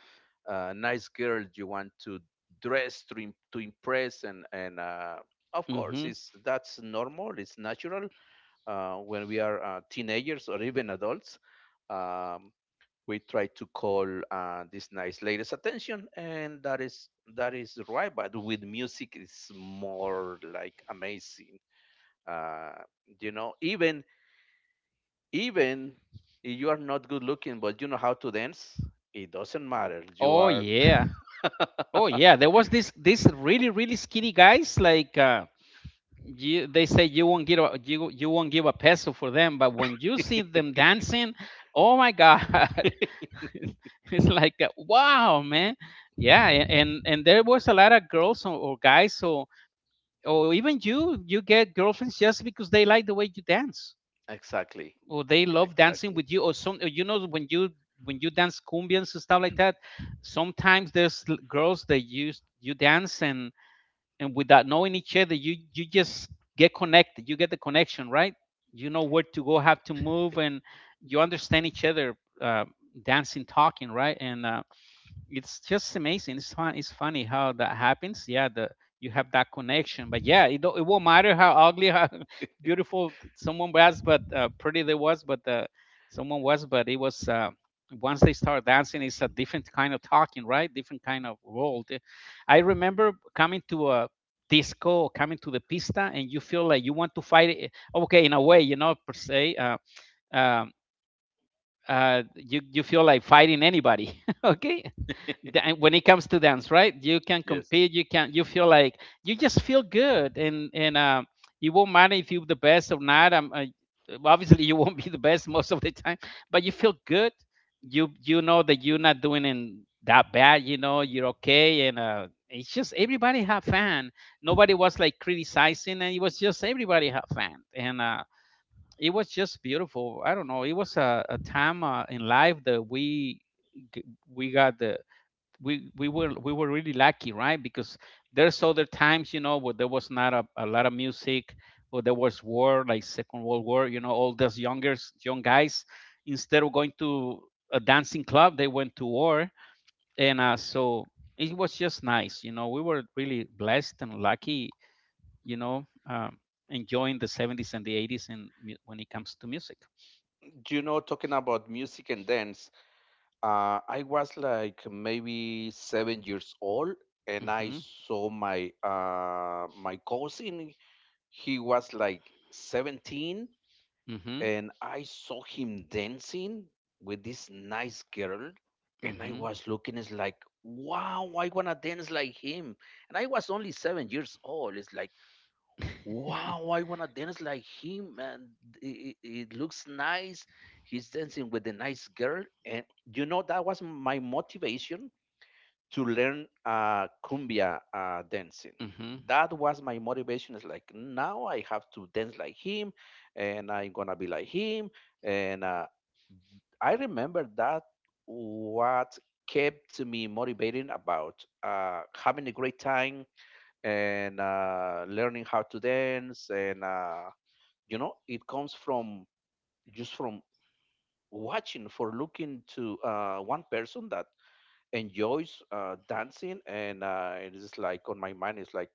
Speaker 2: a nice girl you want to dress to, to impress, and of course it's,
Speaker 1: Hmm.
Speaker 2: that's normal, it's natural when we are teenagers or even adults, um, we try to call this nice lady's attention, and that is, that is right. But with music it's more like amazing. uh, you know, even if you are not good looking, but you know how to dance, it doesn't matter, you
Speaker 1: Oh
Speaker 2: are.
Speaker 1: yeah. Oh yeah, there was this really really skinny guys like, you, they say you won't give a peso for them, but when you see them dancing, oh my god, it's like, wow, man. Yeah, and there was a lot of girls, or guys, or even you get girlfriends just because they like the way you dance,
Speaker 2: Exactly.
Speaker 1: or they love dancing
Speaker 2: Exactly.
Speaker 1: with you, or some, or you know, when you dance cumbias and stuff like that. Sometimes there's girls that you dance and, without knowing each other, you just get connected, you get the connection, right? You know where to go, how to move, and you understand each other, dancing, talking, right? And it's just amazing. It's fun. It's funny how that happens. Yeah, the you have that connection. But yeah, it don't, it won't matter how ugly, how beautiful someone was, but pretty they was, but someone was, but it was. Once they start dancing, it's a different kind of talking, right? Different kind of world. I remember coming to a disco, coming to the pista, and you feel like you want to fight it. Okay, in a way, you know, per se. Um, you feel like fighting anybody, okay? When it comes to dance, right, you can
Speaker 2: Yes.
Speaker 1: compete, you can, you feel like you just feel good. And it won't matter if you're the best or not. Obviously you won't be the best most of the time, but you feel good. You know that you're not doing in that bad. You know you're okay. And it's just everybody have fun. Nobody was like criticizing, and it was just everybody have fun. And it was just beautiful. I don't know, it was a time, in life that g- we got the we were really lucky, right? Because there's other times, you know, where there was not a, a lot of music, or there was war, like Second World War. You know, all those young guys, instead of going to a dancing club, they went to war. And uh, so it was just nice. You know, we were really blessed and lucky. You know, enjoying the 70s and the 80s, and when it comes to music.
Speaker 2: You know, talking about music and dance, I was like, maybe 7 years old, and I
Speaker 1: Mm-hmm.
Speaker 2: saw my my cousin. He was like 17,
Speaker 1: Mm-hmm.
Speaker 2: and I saw him dancing with this nice girl. And I
Speaker 1: Mm-hmm.
Speaker 2: was looking, it's like, wow, I want to dance like him. And I was only 7 years old. It's like, wow, I want to dance like him. And it looks nice. He's dancing with a nice girl. And you know, that was my motivation to learn cumbia, dancing.
Speaker 1: Mm-hmm.
Speaker 2: That was my motivation. It's like, now I have to dance like him, and I'm gonna be like him. And I remember that what kept me motivating about having a great time and learning how to dance. And you know, it comes from, just from watching, for looking to one person that enjoys dancing, and it is like on my mind, it's like,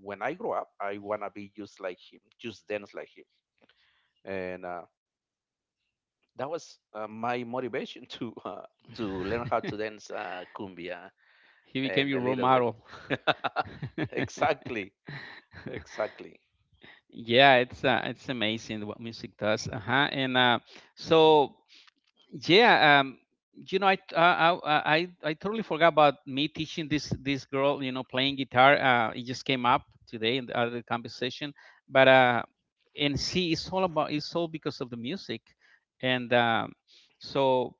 Speaker 2: when I grow up, I want to be just like him, just dance like him. And that was my motivation to, to learn how to dance, cumbia.
Speaker 1: He became
Speaker 2: And
Speaker 1: your
Speaker 2: a
Speaker 1: role
Speaker 2: little bit.
Speaker 1: model.
Speaker 2: Exactly. Exactly.
Speaker 1: Yeah, it's, it's amazing what music does. Uh-huh. And so yeah. You know, I, t- I totally forgot about me teaching this girl, you know, playing guitar. It just came up today in the other conversation, but and see, it's all because of the music. And um so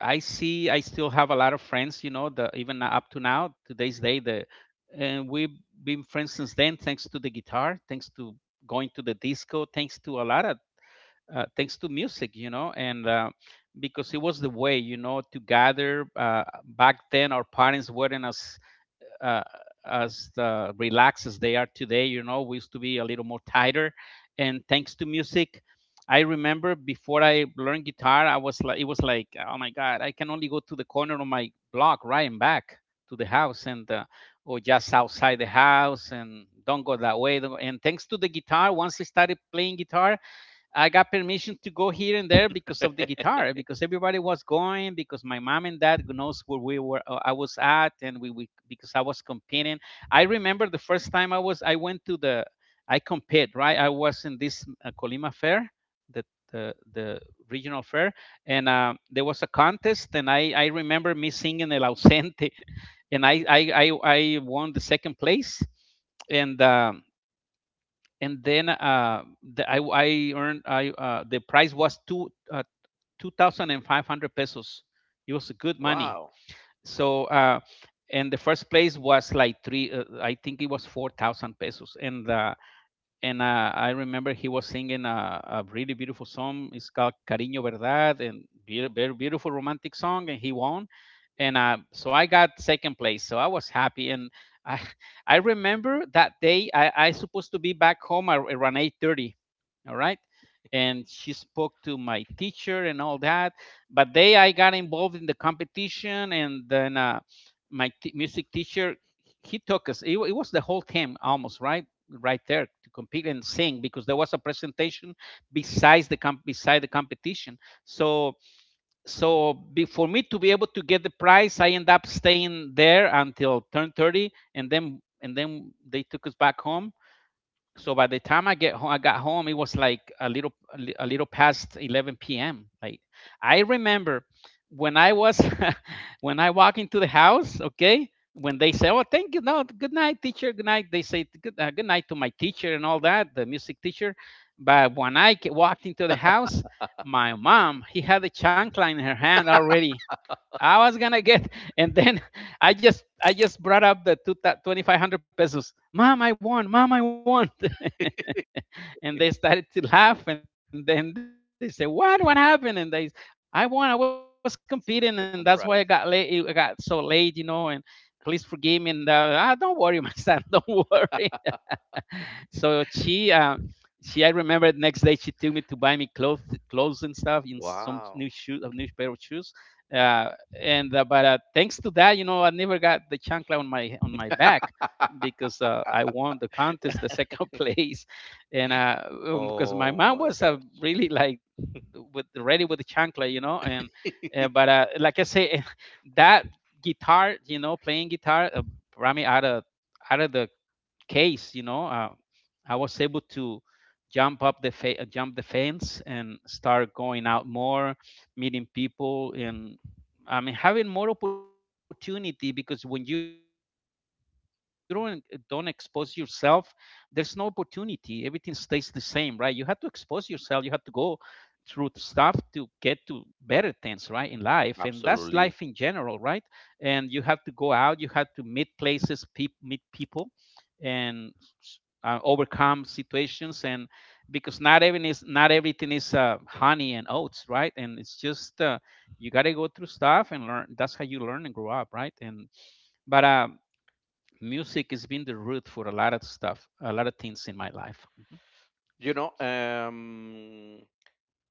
Speaker 1: I see I still have a lot of friends, you know, the even up to now, today's day, the and we've been friends since then, thanks to the guitar, thanks to going to the disco, thanks to a lot of, thanks to music, you know. And Because it was the way, you know, to gather. Back then, our parents weren't as, uh, relaxed as they are today. You know, we used to be a little more tighter, and thanks to music, I remember before I learned guitar, I was like, it was like, oh my god, I can only go to the corner of my block, right, and back to the house, and or just outside the house, and don't go that way. Don't go- And thanks to the guitar, once I started playing guitar, I got permission to go here and there because of the guitar, because everybody was going, because my mom and dad knows I was at, and we, because I was competing. I remember the first time I went to the, I compete, right? I was in this, Colima Fair, the the the regional fair. And there was a contest, and I remember me singing El Ausente, and I won the second place. And. And then the, I earned I the price was two thousand and five hundred pesos. It was good money.
Speaker 2: Wow.
Speaker 1: So uh, and the first place was like three. I think it was 4,000 pesos. And I remember he was singing a really beautiful song, it's called Cariño Verdad, and very beautiful romantic song, and he won. And so I got second place, so I was happy. And I I remember that day I supposed to be back home around 8:30, all right. And she spoke to my teacher and all that, but they I got involved in the competition, and then music teacher, he took us. It was the whole team almost, right, right there to compete and sing, because there was a presentation besides beside the competition. So so for me to be able to get the prize, I end up staying there until turn 30, and then they took us back home. So by the time I got home, it was like a little past 11 p.m. Like I remember when I was, when I walk into the house. Okay, when they say, "Oh, thank you, no, good night, teacher, good night," they say good, good night to my teacher and all that, the music teacher. But when I walked into the house, my mom, he had a chancla in her hand already. I was gonna get, and then I just brought up the two twenty five hundred pesos. Mom, I won. Mom, I won. And they started to laugh, and then they said, what happened, and they I won, I was competing, and
Speaker 2: Second
Speaker 1: that's why I
Speaker 2: prize.
Speaker 1: got late, I got so late, you know, and please forgive me. And Ah, don't worry, my son, don't worry. So I remember next day she took me to buy me clothes, clothes and stuff, in some
Speaker 2: Wow.
Speaker 1: new shoes, a new pair of shoes. Uh, and but Thanks to that, you know, I never got the chancla on my back, because I won the contest, the second place. And Because my
Speaker 2: Oh
Speaker 1: mom
Speaker 2: my
Speaker 1: was,
Speaker 2: gosh.
Speaker 1: really like, with ready with the chancla, you know. And but Like I say, that guitar, you know, playing guitar, brought me out of the case, you know. Uh, I was able to jump the fence and start going out more, meeting people, and I mean having more opportunity, because when you don't expose yourself, there's no opportunity. Everything stays the same, right? You have to expose yourself. You have to go through stuff to get to better things, right, in life, and that's life in general,
Speaker 2: Absolutely.
Speaker 1: right? And you have to go out, you have to meet places, peop meet people, and s- overcome situations, and because not everything is, honey and oats, right? And it's just, you got to go through stuff and learn, that's how you learn and grow up, right? and but Music has been the root for a lot of stuff, a lot of things in my life.
Speaker 2: You know,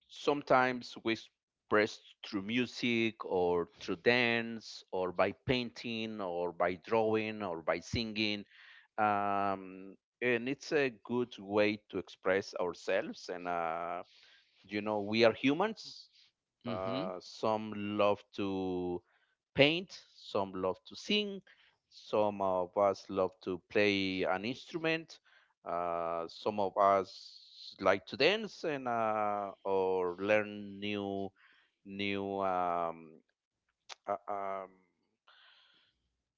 Speaker 2: sometimes we express through music, or through dance, or by painting, or by drawing, or by singing, um, and it's a good way to express ourselves. And You know, we are humans.
Speaker 1: Hmm. Hmm.
Speaker 2: Some love to paint, some love to sing, some of us love to play an instrument, some of us like to dance, and or learn new, new uh, um,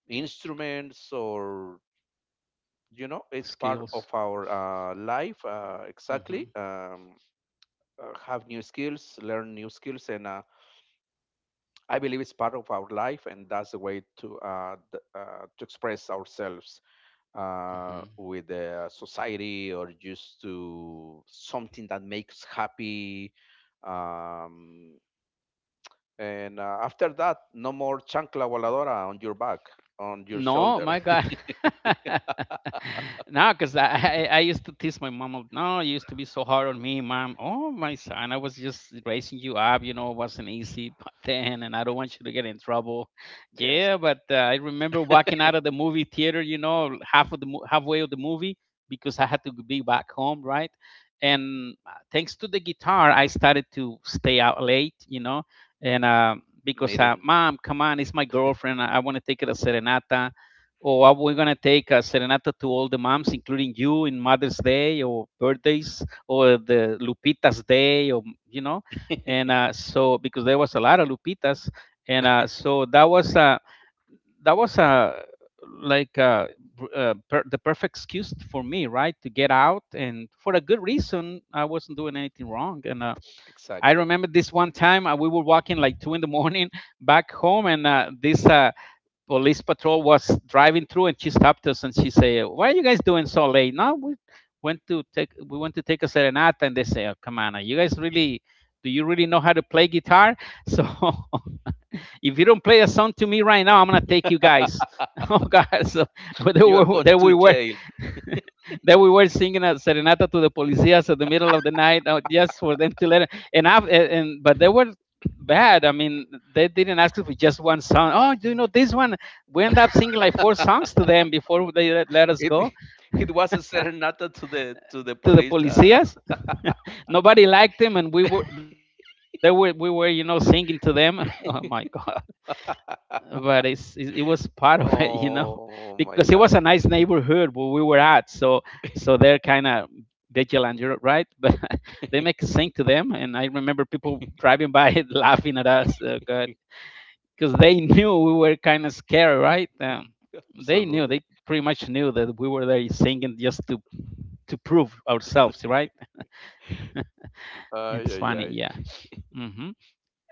Speaker 2: instruments, or, you know, it's part of
Speaker 1: Skills.
Speaker 2: our life, exactly.
Speaker 1: Hmm.
Speaker 2: Have new skills, learn new skills. And I believe it's part of our life, and that's the way to, to express ourselves
Speaker 1: Hmm.
Speaker 2: with the society, or just to something that makes happy. Um, and after that, no more chancla voladora on your back, on your
Speaker 1: No,
Speaker 2: shoulder.
Speaker 1: my God. No, because I used to tease my mom. No, you used to be so hard on me, mom. Oh, my son, I was just raising you up. You know, it wasn't easy back then, and I don't want you to get in trouble.
Speaker 2: Yes.
Speaker 1: Yeah, but I remember walking out of the movie theater. You know, half of the halfway of the movie, because I had to be back home, right? And Thanks to the guitar, I started to stay out late. You know, and because
Speaker 2: Meeting.
Speaker 1: mom, come on, it's my girlfriend. I want to take her a serenata, or we're gonna take a serenata to all the moms, including you, in Mother's Day or birthdays or the Lupita's Day, or you know. And So because there was a lot of Lupitas, and so that was like uh, the perfect excuse for me, right, to get out, and for a good reason, I wasn't doing anything wrong, and I
Speaker 2: Exactly.
Speaker 1: remember this one time we were walking like 2 in the morning back home, and this police patrol was driving through, and she stopped us and she said, "Why are you guys doing so late?" No, we went to take a serenata, and they say, "Oh, come on, you guys really." Do you really know how to play guitar? So, if you don't play a song to me right now, I'm gonna take you guys. Oh God! So, where they
Speaker 2: You are
Speaker 1: were,
Speaker 2: going
Speaker 1: there
Speaker 2: to
Speaker 1: we were.
Speaker 2: jail.
Speaker 1: Then we were singing a serenata to the policías at the middle of the night, just for them to let. And af- and- But they were bad. I mean, they didn't ask us for just one song. Oh, do you know this one? We end up singing like four songs to them before they let us
Speaker 2: It
Speaker 1: go
Speaker 2: It was a serenata to the
Speaker 1: to the
Speaker 2: police.
Speaker 1: policías. Nobody liked them, and we were singing to them. Oh my God. But it was part of it,
Speaker 2: Oh my
Speaker 1: because it was
Speaker 2: gosh.
Speaker 1: a nice neighborhood where we were at. So they're kind of vigilant, you're right? But they make sing to them, and I remember people driving by laughing at us. Oh God, because they knew we were kind of scared, right?
Speaker 2: Absolutely.
Speaker 1: They pretty much knew that we were there singing just to prove ourselves, right?
Speaker 2: Ay,
Speaker 1: It's
Speaker 2: ay,
Speaker 1: funny,
Speaker 2: ay.
Speaker 1: yeah. Hmm.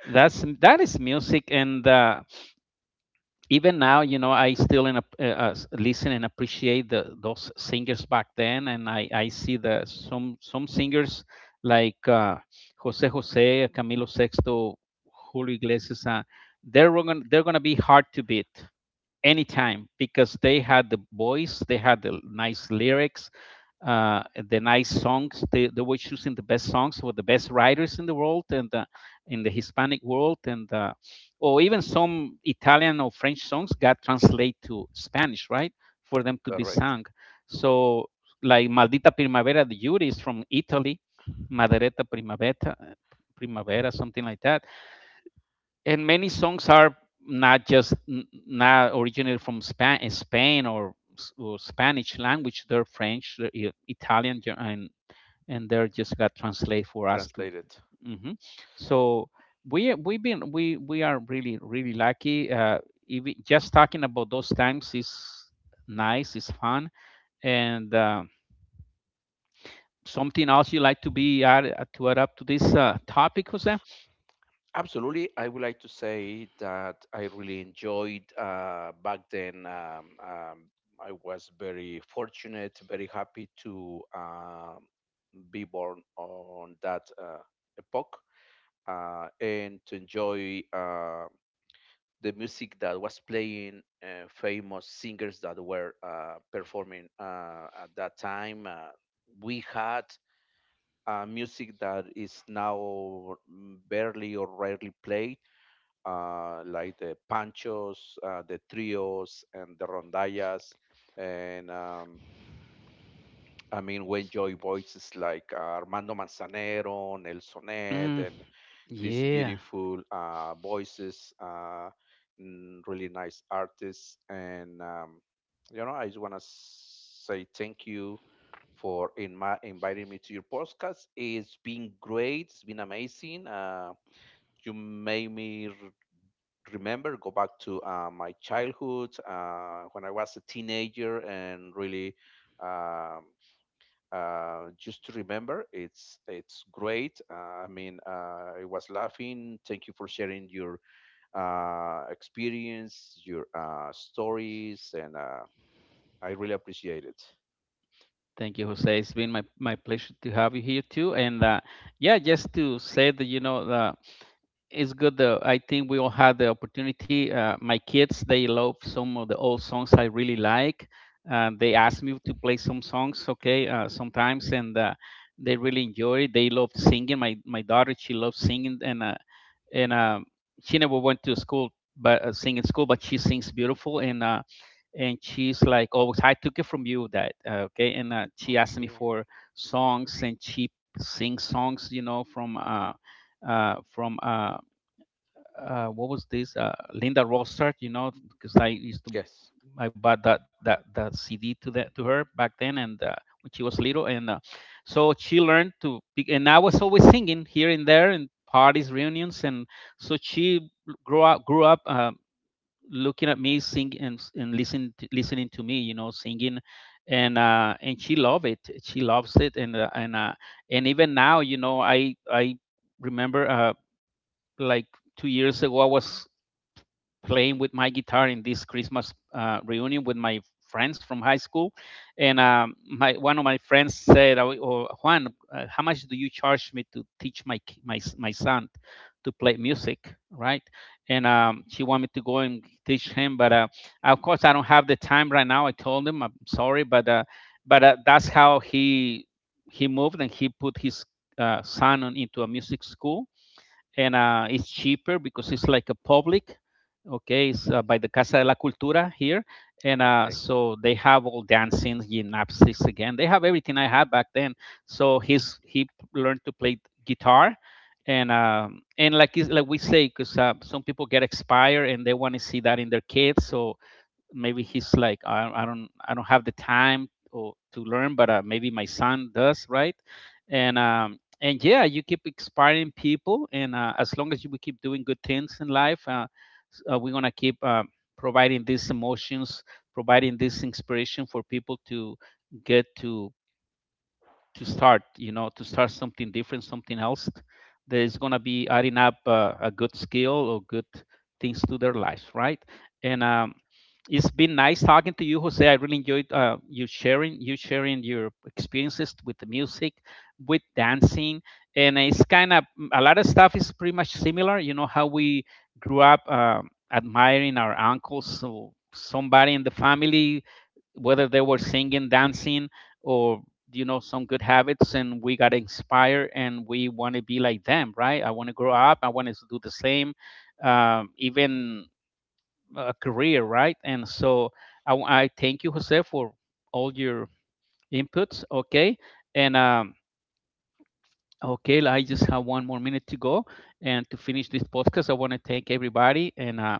Speaker 1: That is music, and even now, I still listen and appreciate those singers back then, and I see the some singers like jose jose camilo sexto julio iglesias. They're going to be hard to beat anytime because they had the voice, they had the nice lyrics, uh, the nice songs. They were choosing the best songs with the best writers in the world, and in the Hispanic world, and or even some Italian or French songs got translated to Spanish, right, for them to be
Speaker 2: Correct.
Speaker 1: sung. So like Maldita Primavera de Yuri is from Italy, Maderetta Primavera, Primavera, something like that, and many songs are not just n- not originally from Spain, or Spanish language. They're French, they're Italian, and they're just got translate for us to.
Speaker 2: Translated.
Speaker 1: Hmm. So we we've been we are really, really lucky. Even just talking about those times is nice. It's fun and. Something else you like to add up to this topic, Jose?
Speaker 2: Absolutely. I would like to say that I really enjoyed back then. I was very fortunate, very happy to be born on that epoch, and to enjoy the music that was playing, famous singers that were performing at that time. We had music that is now barely or rarely played, like the panchos, the trios, and the rondallas. And I mean, we enjoy voices like Armando Manzanero, Nelson Ed,
Speaker 1: Mm,
Speaker 2: and these
Speaker 1: yeah.
Speaker 2: beautiful voices, really nice artists, and you know, I just want to say thank you for inviting me to your podcast. It's been great. It's been amazing. You made me remember, go back to my childhood when I was a teenager, and really. Um, just to remember it's great. I was laughing. Thank you for sharing your experience, your stories, and I really appreciate it.
Speaker 1: Thank you, Jose. It's been my pleasure to have you here too. And yeah, just to say that, it's good. I think we all had the opportunity. My kids they love some of the old songs I really like. They ask me to play some songs, okay, sometimes, and they really enjoy it. They love singing. My daughter, she loves singing, and she never went to school, but singing school, but she sings beautiful and. And she's like, "Oh, I took it from you that okay." And She asked me
Speaker 2: Okay.
Speaker 1: for songs, and she sings songs, from what was this, Linda Rosart, because I used to
Speaker 2: Yes.
Speaker 1: I bought that CD to her back then, and when she was little, and so she learned to. And I was always singing here and there and parties, reunions, and so she grew up. Looking at me sing and listening to me singing. And she loves it, and even now, I remember, like 2 years ago, I was playing with my guitar in this Christmas reunion with my friends from high school, and my one of my friends said, "Oh, Juan, how much do you charge me to teach my my son to play music?" Right, and she wanted me to go and teach him, but, of course I don't have the time right now. I told him, "I'm sorry," but that's how he moved and he put his son into a music school, and it's cheaper because it's like a public. Okay, it's by the Casa de la Cultura here, and
Speaker 2: Okay.
Speaker 1: so they have all dancing, gymnastics again. They have everything I had back then. So he learned to play guitar, and like is like we say, because some people get expired and they want to see that in their kids. So maybe he's like, I don't have the time or to learn, but maybe my son does, right? And yeah, you keep inspiring people, and as long as you we keep doing good things in life, we're gonna keep providing these emotions, providing this inspiration for people to get to start, something different, something else that is going to be adding up, a good skill or good things to their lives, right? and It's been nice talking to you, Jose. I really enjoyed, you sharing your experiences with the music, with dancing, and it's kind of, a lot of stuff is pretty much similar, you know how we grew up, admiring our uncles, so somebody in the family, whether they were singing, dancing, or some good habits, and we got inspired, and we want to be like them, right? I want to grow up, I want to do the same, even a career, right? And so I thank you, Jose, for all your inputs, okay, and okay, I just have one more minute to go, and to finish this podcast, I want to thank everybody, and uh,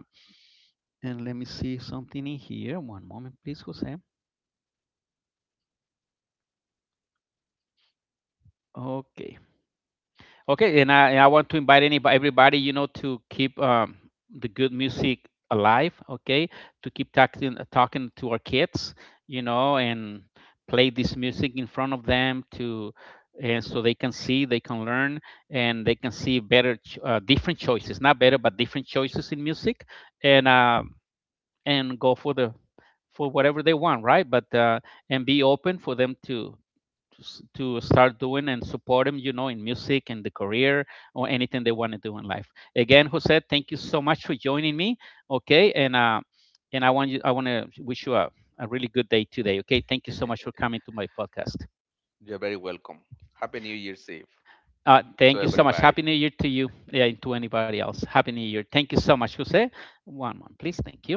Speaker 1: and let me see something in here. One moment, please, Jose. Okay. Okay, and I want to invite anybody, everybody, you know, to keep, the good music alive. Okay, to keep talking to our kids, you know, and play this music in front of them to, and so they can see, they can learn, and they can see better, different choices, not better, but different choices in music, and uh, and go for the for whatever they want, right? But and be open for them to to start doing and support them, in music and the career, or anything they want to do in life. Again, Jose, thank you so much for joining me. Okay, and I want to wish you a really good day today. Okay, thank you so much for coming to my podcast.
Speaker 2: You're very welcome. Happy New Year's Eve to
Speaker 1: Thank you so much.
Speaker 2: everybody.
Speaker 1: Happy New Year to you, yeah, and to anybody else. Happy New Year. Thank you so much, Jose. One, one, please. Thank you.